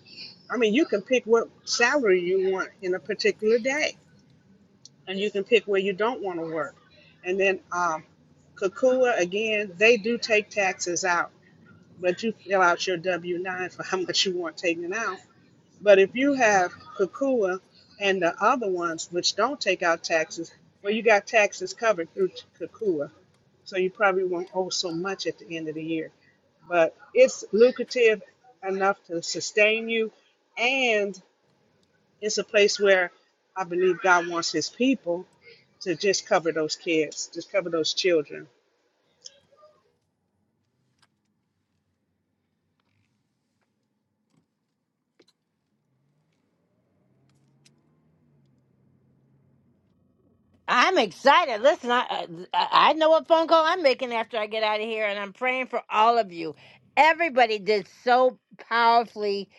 D: I mean, you can pick what salary you want in a particular day and you can pick where you don't want to work. And then um, Kakua, again, they do take taxes out, but you fill out your W 9 for how much you want taken out. But if you have Kakua and the other ones, which don't take out taxes, well, you got taxes covered through Kakua. So you probably won't owe so much at the end of the year. But it's lucrative enough to sustain you, and it's a place where I believe God wants his people to just cover those kids, just cover those children.
A: I'm excited. Listen, I, I I know what phone call I'm making after I get out of here, and I'm praying for all of you. Everybody did so powerfully,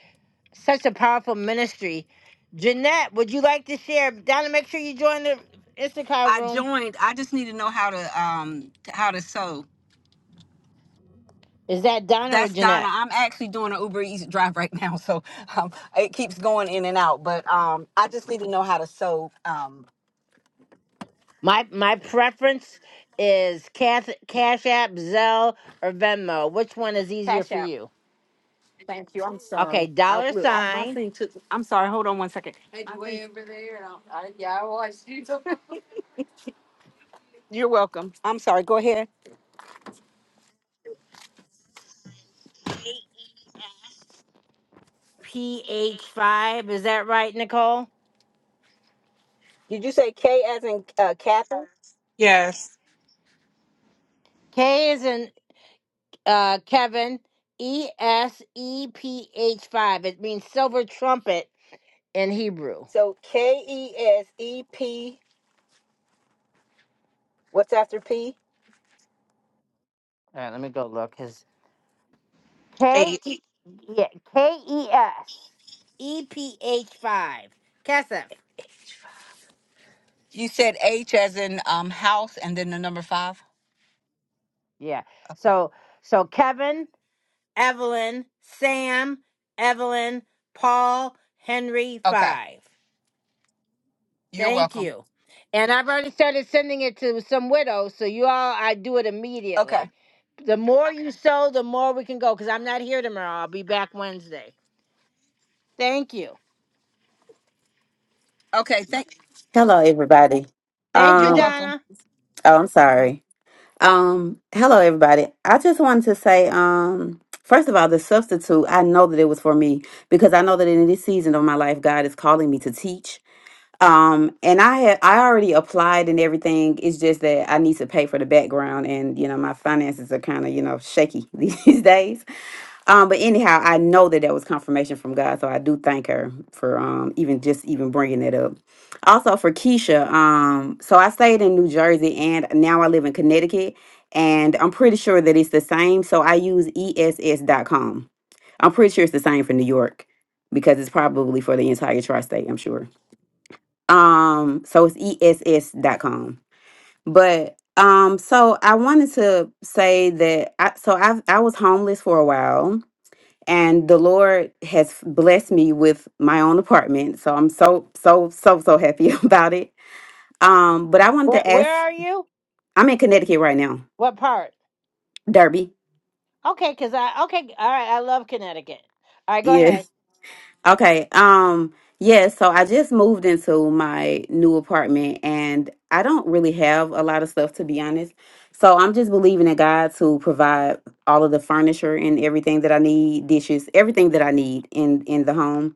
A: such a powerful ministry. Jeanette, would you like to share? Donna, make sure you join the Issachar
I: I
A: room.
I: joined. I just need to know how to um how to sew
A: Is that Donna or
I: That's Donna.
A: Jeanette?
I: I'm actually doing an Uber Eats drive right now, so um, it keeps going in and out. But um, I just need to know how to sew. Um,
A: My my preference is Cash, Cash App, Zelle, or Venmo. Which one is easier
I: Cash
A: for
I: App.
A: you?
I: Thank you. I'm
A: Okay,
I: sorry. I,
A: dollar
I: look, I, my
A: sign.
I: thing took. I'm sorry. Hold on one second. It's My way thing- over there. and I, I- yeah, I watched you. You're welcome. I'm sorry. Go ahead.
A: PH5. Is that right, Nicole?
I: Did you say K as in uh, Catherine?
B: Yes.
A: K is in uh, Kevin, E S E P H 5. It means silver trumpet in Hebrew. All
I: So K E S E P. What's after P?
A: right, let me go look. His K
B: Eight.
A: E yeah, K E S E P H 5. Kesef.
I: You said H as in um, house, and then the number five.
A: Yeah. So so Kevin, Evelyn, Sam, Evelyn, Paul, Henry
I: Okay.
A: 5.
I: You're
A: Thank
I: welcome.
A: you. And I've already started sending it to some widows, so you all, I do it
I: Okay.
A: immediately. The more you Okay. sow, the more we can go, because I'm not here tomorrow. I'll be back Wednesday. Thank you.
I: Okay, thank
J: Hello, everybody.
A: Thank you,
I: you're
J: Um,
I: welcome.
A: Donna.
J: oh, I'm sorry. Um, hello, everybody. I just wanted to say, um, first of all, the substitute, I know that it was for me because I know that in this season of my life, God is calling me to teach. Um, and I had I already applied and everything. It's just that I need to pay for the background, and you know my finances are kind of you know shaky these days. Um, but anyhow, I know that that was confirmation from God, so I do thank her for um even just even bringing it up. Also for Keisha, um, so I stayed in New Jersey and now I live in Connecticut, and I'm pretty sure that it's the same. So I use ess. dot com. I'm pretty sure it's the same for New York because it's probably for the entire tri-state. I'm sure. Um, so it's ess. dot com. But um, so I wanted to say that I so I I was homeless for a while and the lord has blessed me with my own apartment so i'm so so so so happy about it um but i wanted
A: Where,
J: to
A: where
J: ask
A: are you?
J: i'm in connecticut right now
A: What part?
J: derby
A: Okay, because I, okay, all right, I love Connecticut. All right, go
J: yeah
A: ahead.
J: okay um yeah so i just moved into my new apartment and i don't really have a lot of stuff to be honest so i'm just believing in god to provide all of the furniture and everything that i need dishes everything that i need in in the home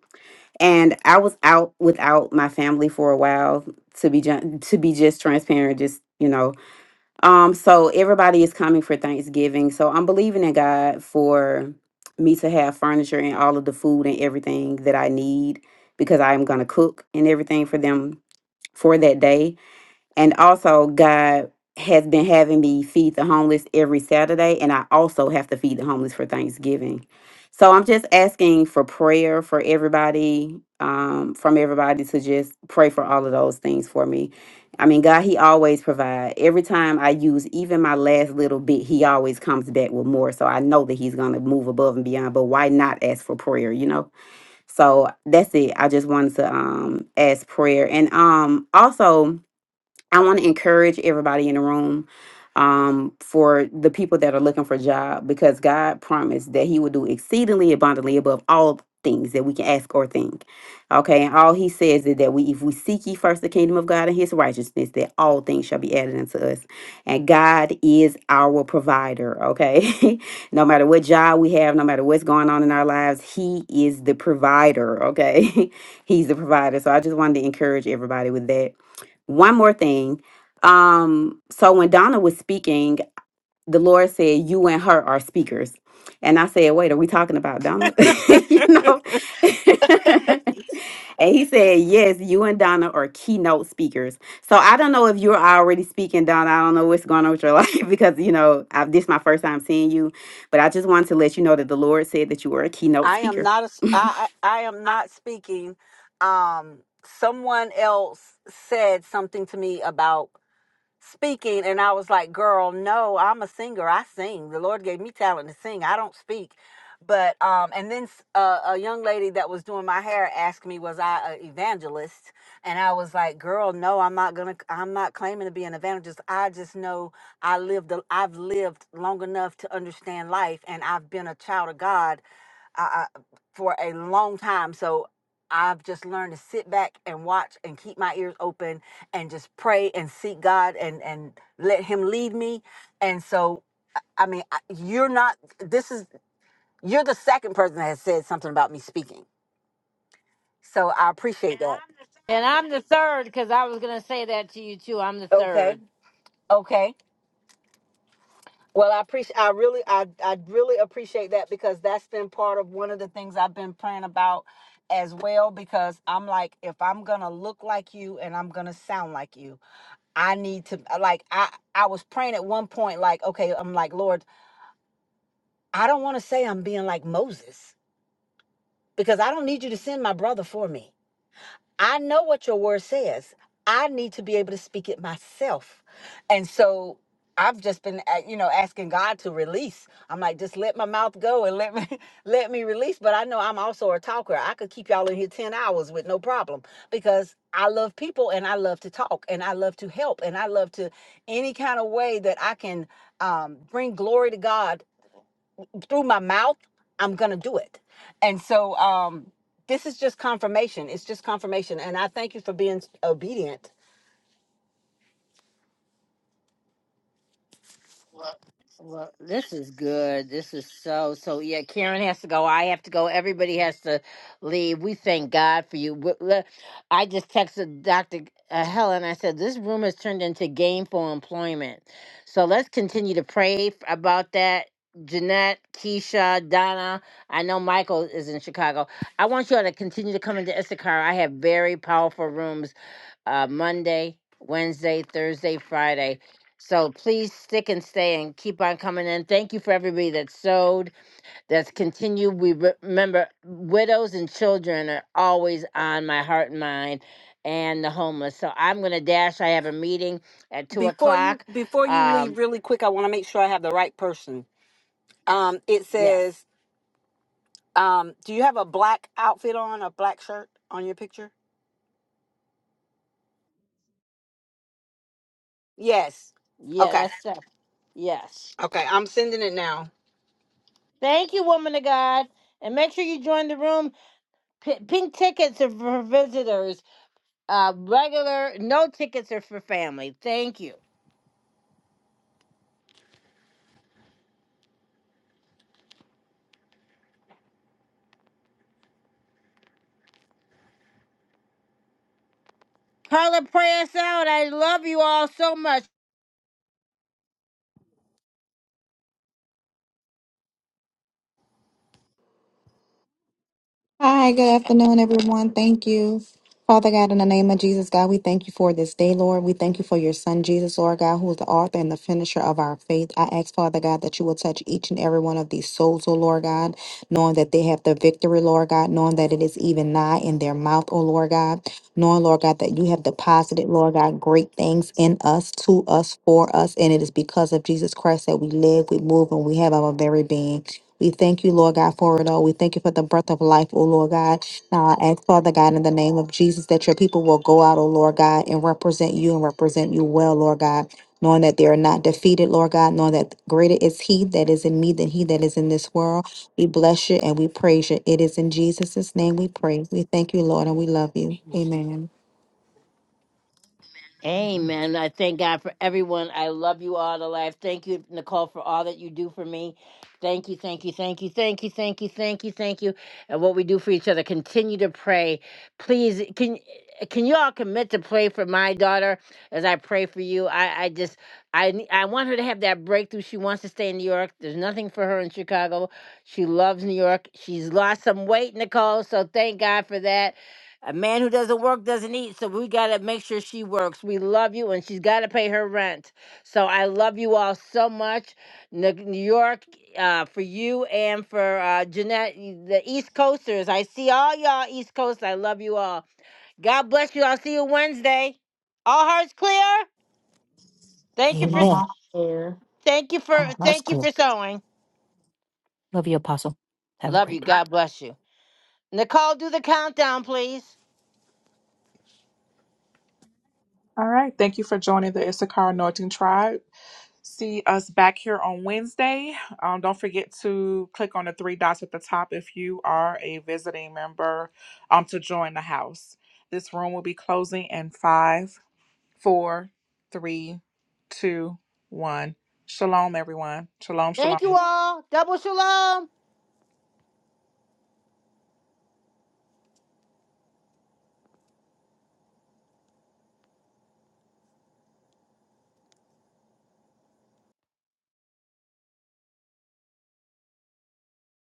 J: and I was out without my family for a while to be ju- to be just transparent, just you know. Um, so everybody is coming for Thanksgiving, so I'm believing in God for me to have furniture and all of the food and everything that I need because I am gonna cook and everything for them for that day and also, God has been having me feed the homeless every Saturday, and I also have to feed the homeless for Thanksgiving. So I'm just asking for prayer for everybody, um, from everybody to just pray for all of those things for me. I mean, God, He always provides. Every time I use even my last little bit, He always comes back with more. So I know that He's going to move above and beyond, but why not ask for prayer, you know? So that's it. I just wanted to um, ask prayer. And um, also, I want to encourage everybody in the room um, for the people that are looking for a job because God promised that He would do exceedingly abundantly above all things that we can ask or think. Okay, and all He says is that we, if we seek ye first the kingdom of God and His righteousness, that all things shall be added unto us. And God is our provider. Okay, no matter what job we have, no matter what's going on in our lives, He is the provider. Okay, He's the provider. So I just wanted to encourage everybody with that one more thing. Um, so when Donna was speaking, the Lord said, You and her are speakers. And I said, Wait, are we talking about Donna? you know? and he said, Yes, you and Donna are keynote speakers. So I don't know if you're already speaking, Donna. I don't know what's going on with your life because, you know, I've, this is my first time seeing you. But I just wanted to let you know that the Lord said that you were a keynote
I: I am
J: speaker.
I: not a s I I I am not speaking. Um, someone else said something to me about speaking and I was like, girl, no, I'm a singer. I sing. The Lord gave me talent to sing. I don't speak. But um and then s- uh, a young lady that was doing my hair asked me was I an evangelist and I was like, girl, no, I'm not going to I'm not claiming to be an evangelist. I just know I lived a- I've lived long enough to understand life and I've been a child of God I, I, for a long time. So I've just learned to sit back and watch and keep my ears open and just pray and seek God and and let Him lead me. And so, I mean, I- you're not. This is you're the second person that has said something about me speaking. So I appreciate that.
A: And I'm the third, because I was going to say that to you too. I'm the
I: Okay.
A: third.
I: Okay. Well, I appreciate. I really, I, I really appreciate that because that's been part of one of the things I've been praying about as well. Because I'm like, if I'm gonna look like you and I'm gonna sound like you, I need to uh, like I I was praying at one point like okay I'm like Lord I don't want to say I'm being like Moses because I don't need you to send my brother for me I know what your word says. I need to be able to speak it myself. And so I've just been uh, you know asking God to release. I'm like just let my mouth go and let me let me release, but I know I'm also a talker. I could keep y'all in here 10 hours with no problem because I love people and I love to talk and I love to help and I love to any kind of way that I can um, bring glory to God through my mouth, I'm gonna do it. And so um this is just confirmation. It's just confirmation. And I thank you for being obedient.
A: Well, this is good. This is so so. Yeah, Karen has to go. I have to go. Everybody has to leave. We thank God for you. Wh- le- I just texted Dr. uh, Helen. I said this room has turned into gainful employment. So let's continue to pray f- about that. Jeanette, Keisha, Donna. I know Michael is in Chicago. I want you all to continue to come into Issachar. I have very powerful rooms uh, Monday, Wednesday, Thursday, Friday. So please stick and stay and keep on coming in. Thank you for everybody that sewed, that's continued. We re- remember widows and children are always on my heart and mind, and the homeless. So I'm gonna dash. I have a meeting at two
I: Before you
A: o'clock.
I: before you
A: Um,
I: leave really quick, I want to make sure I have the right person. Um it
A: yes,
I: says um do you have a black outfit on, a black shirt on your picture? Yes.
A: yeah,
I: Okay.
A: that's the yes.
I: Okay. I'm sending it now.
A: Thank you, woman of God, and make sure you join the room. P- pink tickets are for visitors Uh, regular, no tickets are for family. Thank you. Carla, pray us out. I love you all so much.
K: Hi, good afternoon, everyone. Thank you. Father God, in the name of Jesus, God, we thank you for this day, Lord. We thank you for your son, Jesus, Lord God, who is the author and the finisher of our faith. I ask, Father God, that you will touch each and every one of these souls, oh Lord God, knowing that they have the victory, Lord God, knowing that it is even nigh in their mouth, oh Lord God, knowing, Lord God, that you have deposited, Lord God, great things in us, to us, for us, and it is because of Jesus Christ that we live, we move, and we have our very being. We thank you, Lord God, for it all. We thank you for the breath of life, O Lord God. Now I ask, Father God, in the name of Jesus, that your people will go out, O Lord God, and represent you and represent you well, Lord God, knowing that they are not defeated, Lord God, knowing that greater is He that is in me than He that is in this world. We bless you and we praise you. It is in Jesus' name we pray. We thank you, Lord, and we love you. Amen.
A: Amen. I thank God for everyone. I love you all to life. Thank you, Nicole, for all that you do for me. Thank you, thank you, thank you, thank you, thank you, thank you, thank you. And what we do for each other. Continue to pray. Please, can can you all commit to pray for my daughter as I pray for you? I, I just I ne- I want her to have that breakthrough. She wants to stay in New York. There's nothing for her in Chicago. She loves New York. She's lost some weight, Nicole. So thank God for that a man who doesn't work doesn't eat, so we gotta make sure she works. We love you, and she's gotta pay her rent. So I love you all so much, New New York, uh, for you and for uh, Jeanette, you- the East Coasters. I see all y'all East Coast. I love you all. God bless you. I'll see you Wednesday. All hearts clear. Thank you
K: Come
A: for,
H: Amen.
K: on, here.
A: thank you for,
H: Our hearts
A: thank you
H: clear.
A: for sewing.
H: Love you, Apostle. Have a
A: Love
H: great
A: you.
H: day.
A: God bless you. Nicole, do the countdown, please.
B: All right. Thank you for joining the Issachar Anointing Tribe. See us back here on Wednesday. Um, don't forget to click on the three dots at the top if you are a visiting member um, to join the house. This room will be closing in five, four, three, two, one. Shalom, everyone. Shalom, shalom.
A: Thank you all. Double shalom.